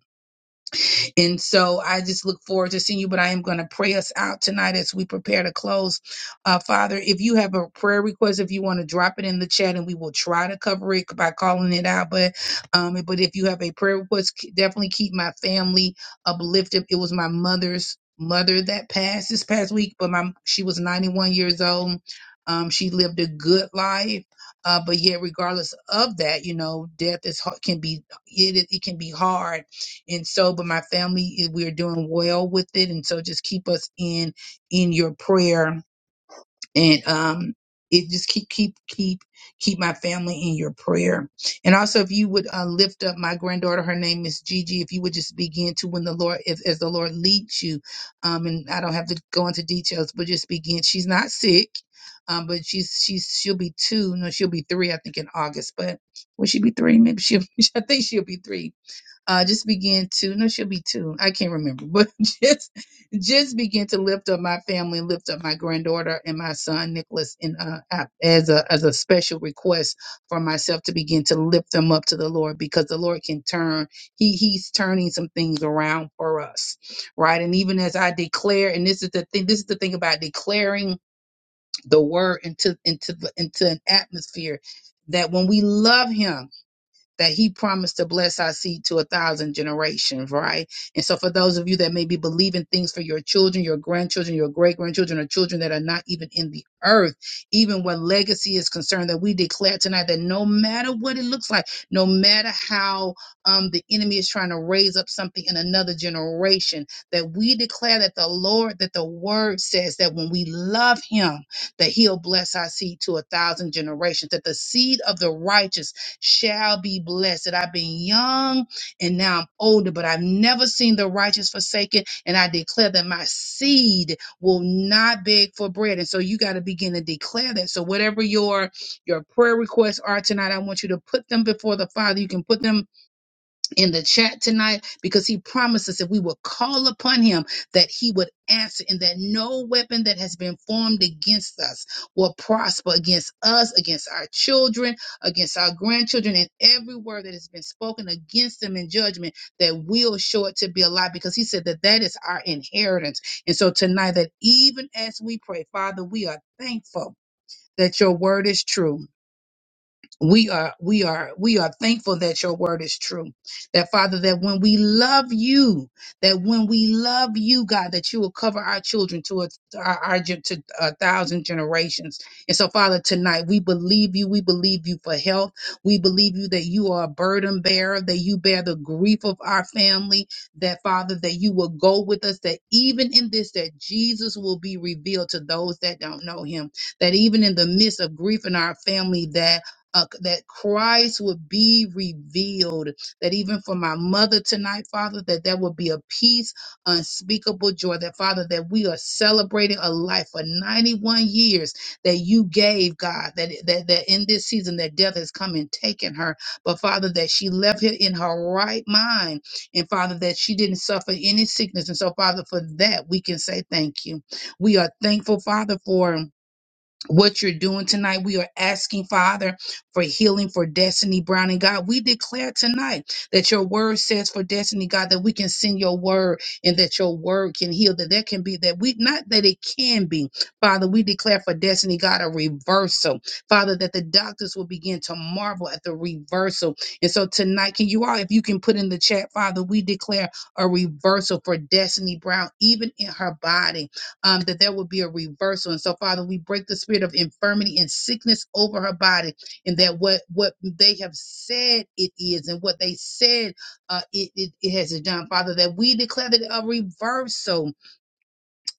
and so I just look forward to seeing you, but I am going to pray us out tonight as we prepare to close. Uh, Father, if you have a prayer request, if you want to drop it in the chat and we will try to cover it by calling it out. But, um, but if you have a prayer request, k- definitely keep my family uplifted. It was my mother's mother that passed this past week, but my, she was 91 years old. Um, she lived a good life. Uh, but yet, regardless of that, you know, death is hard, can be it, it can be hard and so but my family eh, we are doing well with it and so just keep us in in your prayer and um it just keep keep keep keep my family in your prayer and also if you would uh, lift up my granddaughter her name is gigi if you would just begin to when the lord if as the lord leads you um and i don't have to go into details but just begin she's not sick um but she's she's she'll be two no she'll be three i think in august but will she be three maybe she'll i think she'll be three uh, just begin to no she'll be two i can't remember but just just begin to lift up my family lift up my granddaughter and my son nicholas in uh, a- as a as a special request for myself to begin to lift them up to the lord because the lord can turn he he's turning some things around for us right and even as i declare and this is the thing this is the thing about declaring the word into into the, into an atmosphere that when we love him that he promised to bless our seed to a thousand generations, right? And so for those of you that may be believing things for your children, your grandchildren, your great grandchildren, or children that are not even in the earth, even when legacy is concerned, that we declare tonight that no matter what it looks like, no matter how um, the enemy is trying to raise up something in another generation, that we declare that the Lord, that the word says that when we love him, that he'll bless our seed to a thousand generations, that the seed of the righteous shall be blessed. That I've been young and now I'm older, but I've never seen the righteous forsaken. And I declare that my seed will not beg for bread. And so you got to begin to declare that. So whatever your your prayer requests are tonight, I want you to put them before the Father. You can put them in the chat tonight because he promises if we will call upon him that he would answer and that no weapon that has been formed against us will prosper against us against our children against our grandchildren and every word that has been spoken against them in judgment that will show it to be a lie because he said that that is our inheritance and so tonight that even as we pray father we are thankful that your word is true we are we are we are thankful that your word is true that father that when we love you that when we love you god that you will cover our children to a, our, our gen- to a thousand generations and so father tonight we believe you we believe you for health we believe you that you are a burden bearer that you bear the grief of our family that father that you will go with us that even in this that jesus will be revealed to those that don't know him that even in the midst of grief in our family that uh, that Christ would be revealed. That even for my mother tonight, Father, that there would be a peace, unspeakable joy. That, Father, that we are celebrating a life for 91 years that you gave, God, that, that, that in this season that death has come and taken her. But, Father, that she left here in her right mind. And, Father, that she didn't suffer any sickness. And so, Father, for that, we can say thank you. We are thankful, Father, for what you're doing tonight. We are asking, Father, for healing for Destiny Brown. And God, we declare tonight that your word says for Destiny, God, that we can send your word and that your word can heal, that there can be that we, not that it can be, Father, we declare for Destiny, God, a reversal. Father, that the doctors will begin to marvel at the reversal. And so tonight, can you all, if you can put in the chat, Father, we declare a reversal for Destiny Brown, even in her body um, that there will be a reversal. And so, Father, we break the spirit of infirmity and sickness over her body, and that what what they have said it is, and what they said uh, it, it it has done, Father, that we declare that a reversal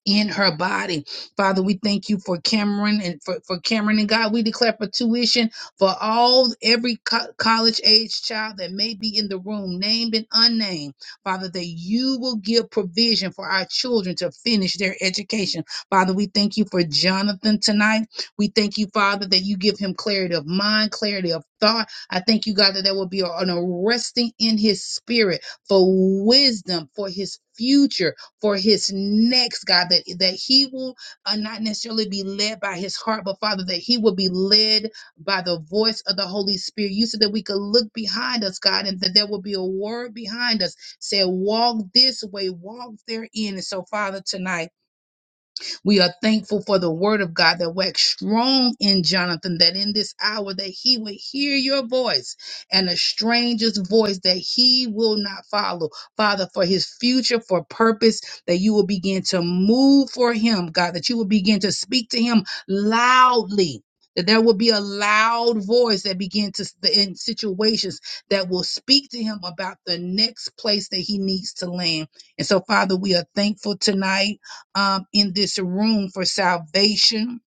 in her body. Father, we thank you for Cameron and for, for Cameron and God. We declare for tuition for all every co- college age child that may be in the room, named and unnamed. Father, that you will give provision for our children to finish their education. Father, we thank you for Jonathan tonight. We thank you, Father, that you give him clarity of mind, clarity of thought. I thank you, God, that there will be an arresting in his spirit for wisdom, for his future for his next God that that he will uh, not necessarily be led by his heart, but Father that he will be led by the voice of the Holy Spirit. You said that we could look behind us, God, and that there will be a word behind us. Said, walk this way, walk therein. And so, Father, tonight. We are thankful for the word of God that waxed strong in Jonathan, that in this hour that he would hear your voice and a stranger's voice that he will not follow. Father, for his future, for purpose, that you will begin to move for him, God, that you will begin to speak to him loudly. That there will be a loud voice that begins to in situations that will speak to him about the next place that he needs to land. And so, Father, we are thankful tonight um, in this room for salvation.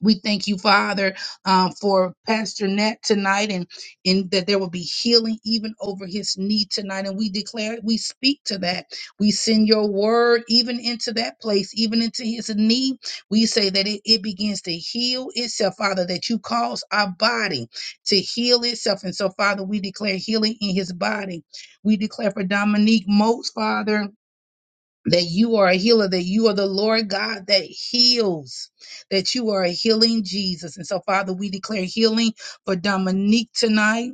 We thank you, Father, um, for Pastor Nat tonight and, and that there will be healing even over his knee tonight. And we declare, we speak to that. We send your word even into that place, even into his knee. We say that it, it begins to heal itself, Father, that you cause our body to heal itself. And so, Father, we declare healing in his body. We declare for Dominique Moats, Father that you are a healer, that you are the Lord God that heals, that you are a healing Jesus. And so, Father, we declare healing for Dominique tonight.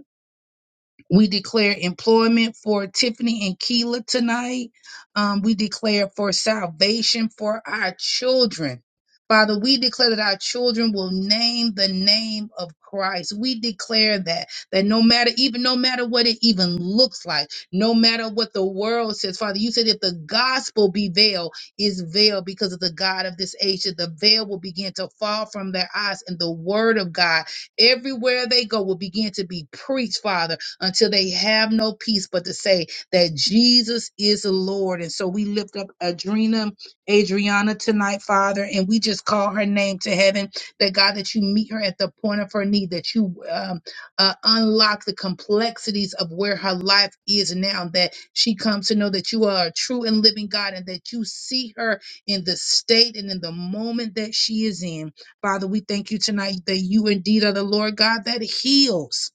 We declare employment for Tiffany and Keela tonight. Um, we declare for salvation for our children. Father, we declare that our children will name the name of Christ. We declare that that no matter even no matter what it even looks like, no matter what the world says, Father, you said if the gospel be veiled, is veiled because of the God of this age, that the veil will begin to fall from their eyes, and the word of God everywhere they go will begin to be preached, Father until they have no peace but to say that Jesus is the Lord. And so we lift up Adrena, Adriana tonight, Father, and we just call her name to heaven that God, that you meet her at the point of her need, that you um, uh, unlock the complexities of where her life is now, that she comes to know that you are a true and living God and that you see her in the state and in the moment that she is in. Father, we thank you tonight that you indeed are the Lord God that heals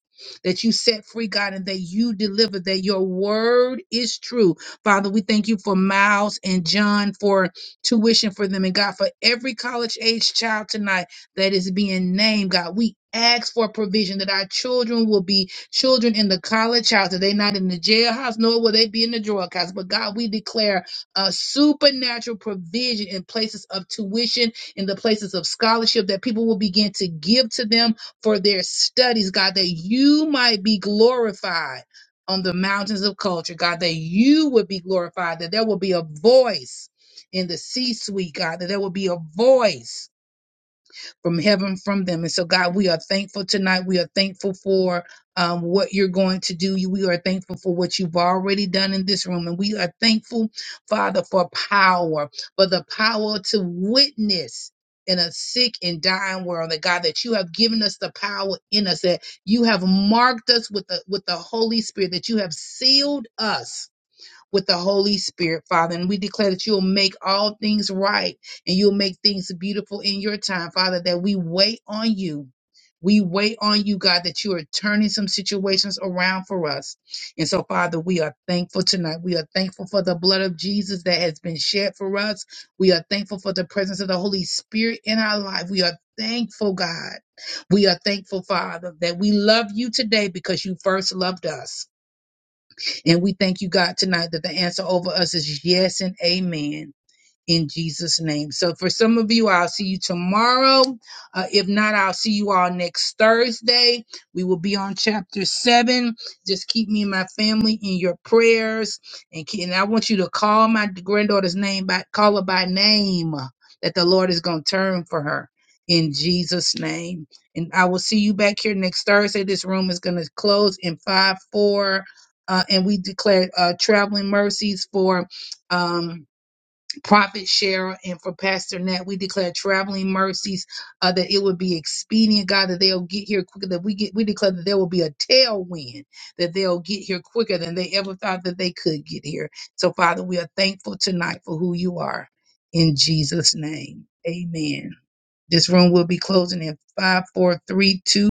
that you set free, God, and that you deliver, that your word is true. Father, we thank you for Miles and John for tuition for them. And God, for every college age child tonight that is being named, God, we ask for provision that our children will be children in the college house, that they not in the jailhouse, nor will they be in the drughouse. But God, we declare a supernatural provision in places of tuition, in the places of scholarship that people will begin to give to them for their studies, God, that you might be glorified on the mountains of culture, God, that you would be glorified, that there will be a voice in the C suite, God, that there will be a voice from heaven from them. And so, God, we are thankful tonight. We are thankful for um, what you're going to do. You- We are thankful for what you've already done in this room. And we are thankful, Father, for power, for the power to witness. In a sick and dying world, that God, that you have given us the power in us, that you have marked us with the with the Holy Spirit, that you have sealed us with the Holy Spirit, Father. And we declare that you'll make all things right and you'll make things beautiful in your time, Father, that we wait on you. We wait on you, God, that you are turning some situations around for us. And so, Father, we are thankful tonight. We are thankful for the blood of Jesus that has been shed for us. We are thankful for the presence of the Holy Spirit in our life. We are thankful, God. We are thankful, Father, that we love you today because you first loved us. And we thank you, God, tonight that the answer over us is yes and amen in Jesus' name. So for some of you, I'll see you tomorrow. Uh, if not, I'll see you all next Thursday. We will be on chapter seven. Just keep me and my family in your prayers, and, ke- and I want you to call my granddaughter's name by call her by name. uh, That the Lord is going to turn for her in Jesus' name. And I will see you back here next Thursday. This room is going to close in five four, uh, and we declare uh, traveling mercies for. Um, Prophet Cheryl and for Pastor Nat. We declare traveling mercies, uh, that it would be expedient, God, that they'll get here quicker. That we get, we declare that there will be a tailwind, that they'll get here quicker than they ever thought that they could get here. So, Father, we are thankful tonight for who you are. In Jesus' name, amen. This room will be closing in five, four, three, two.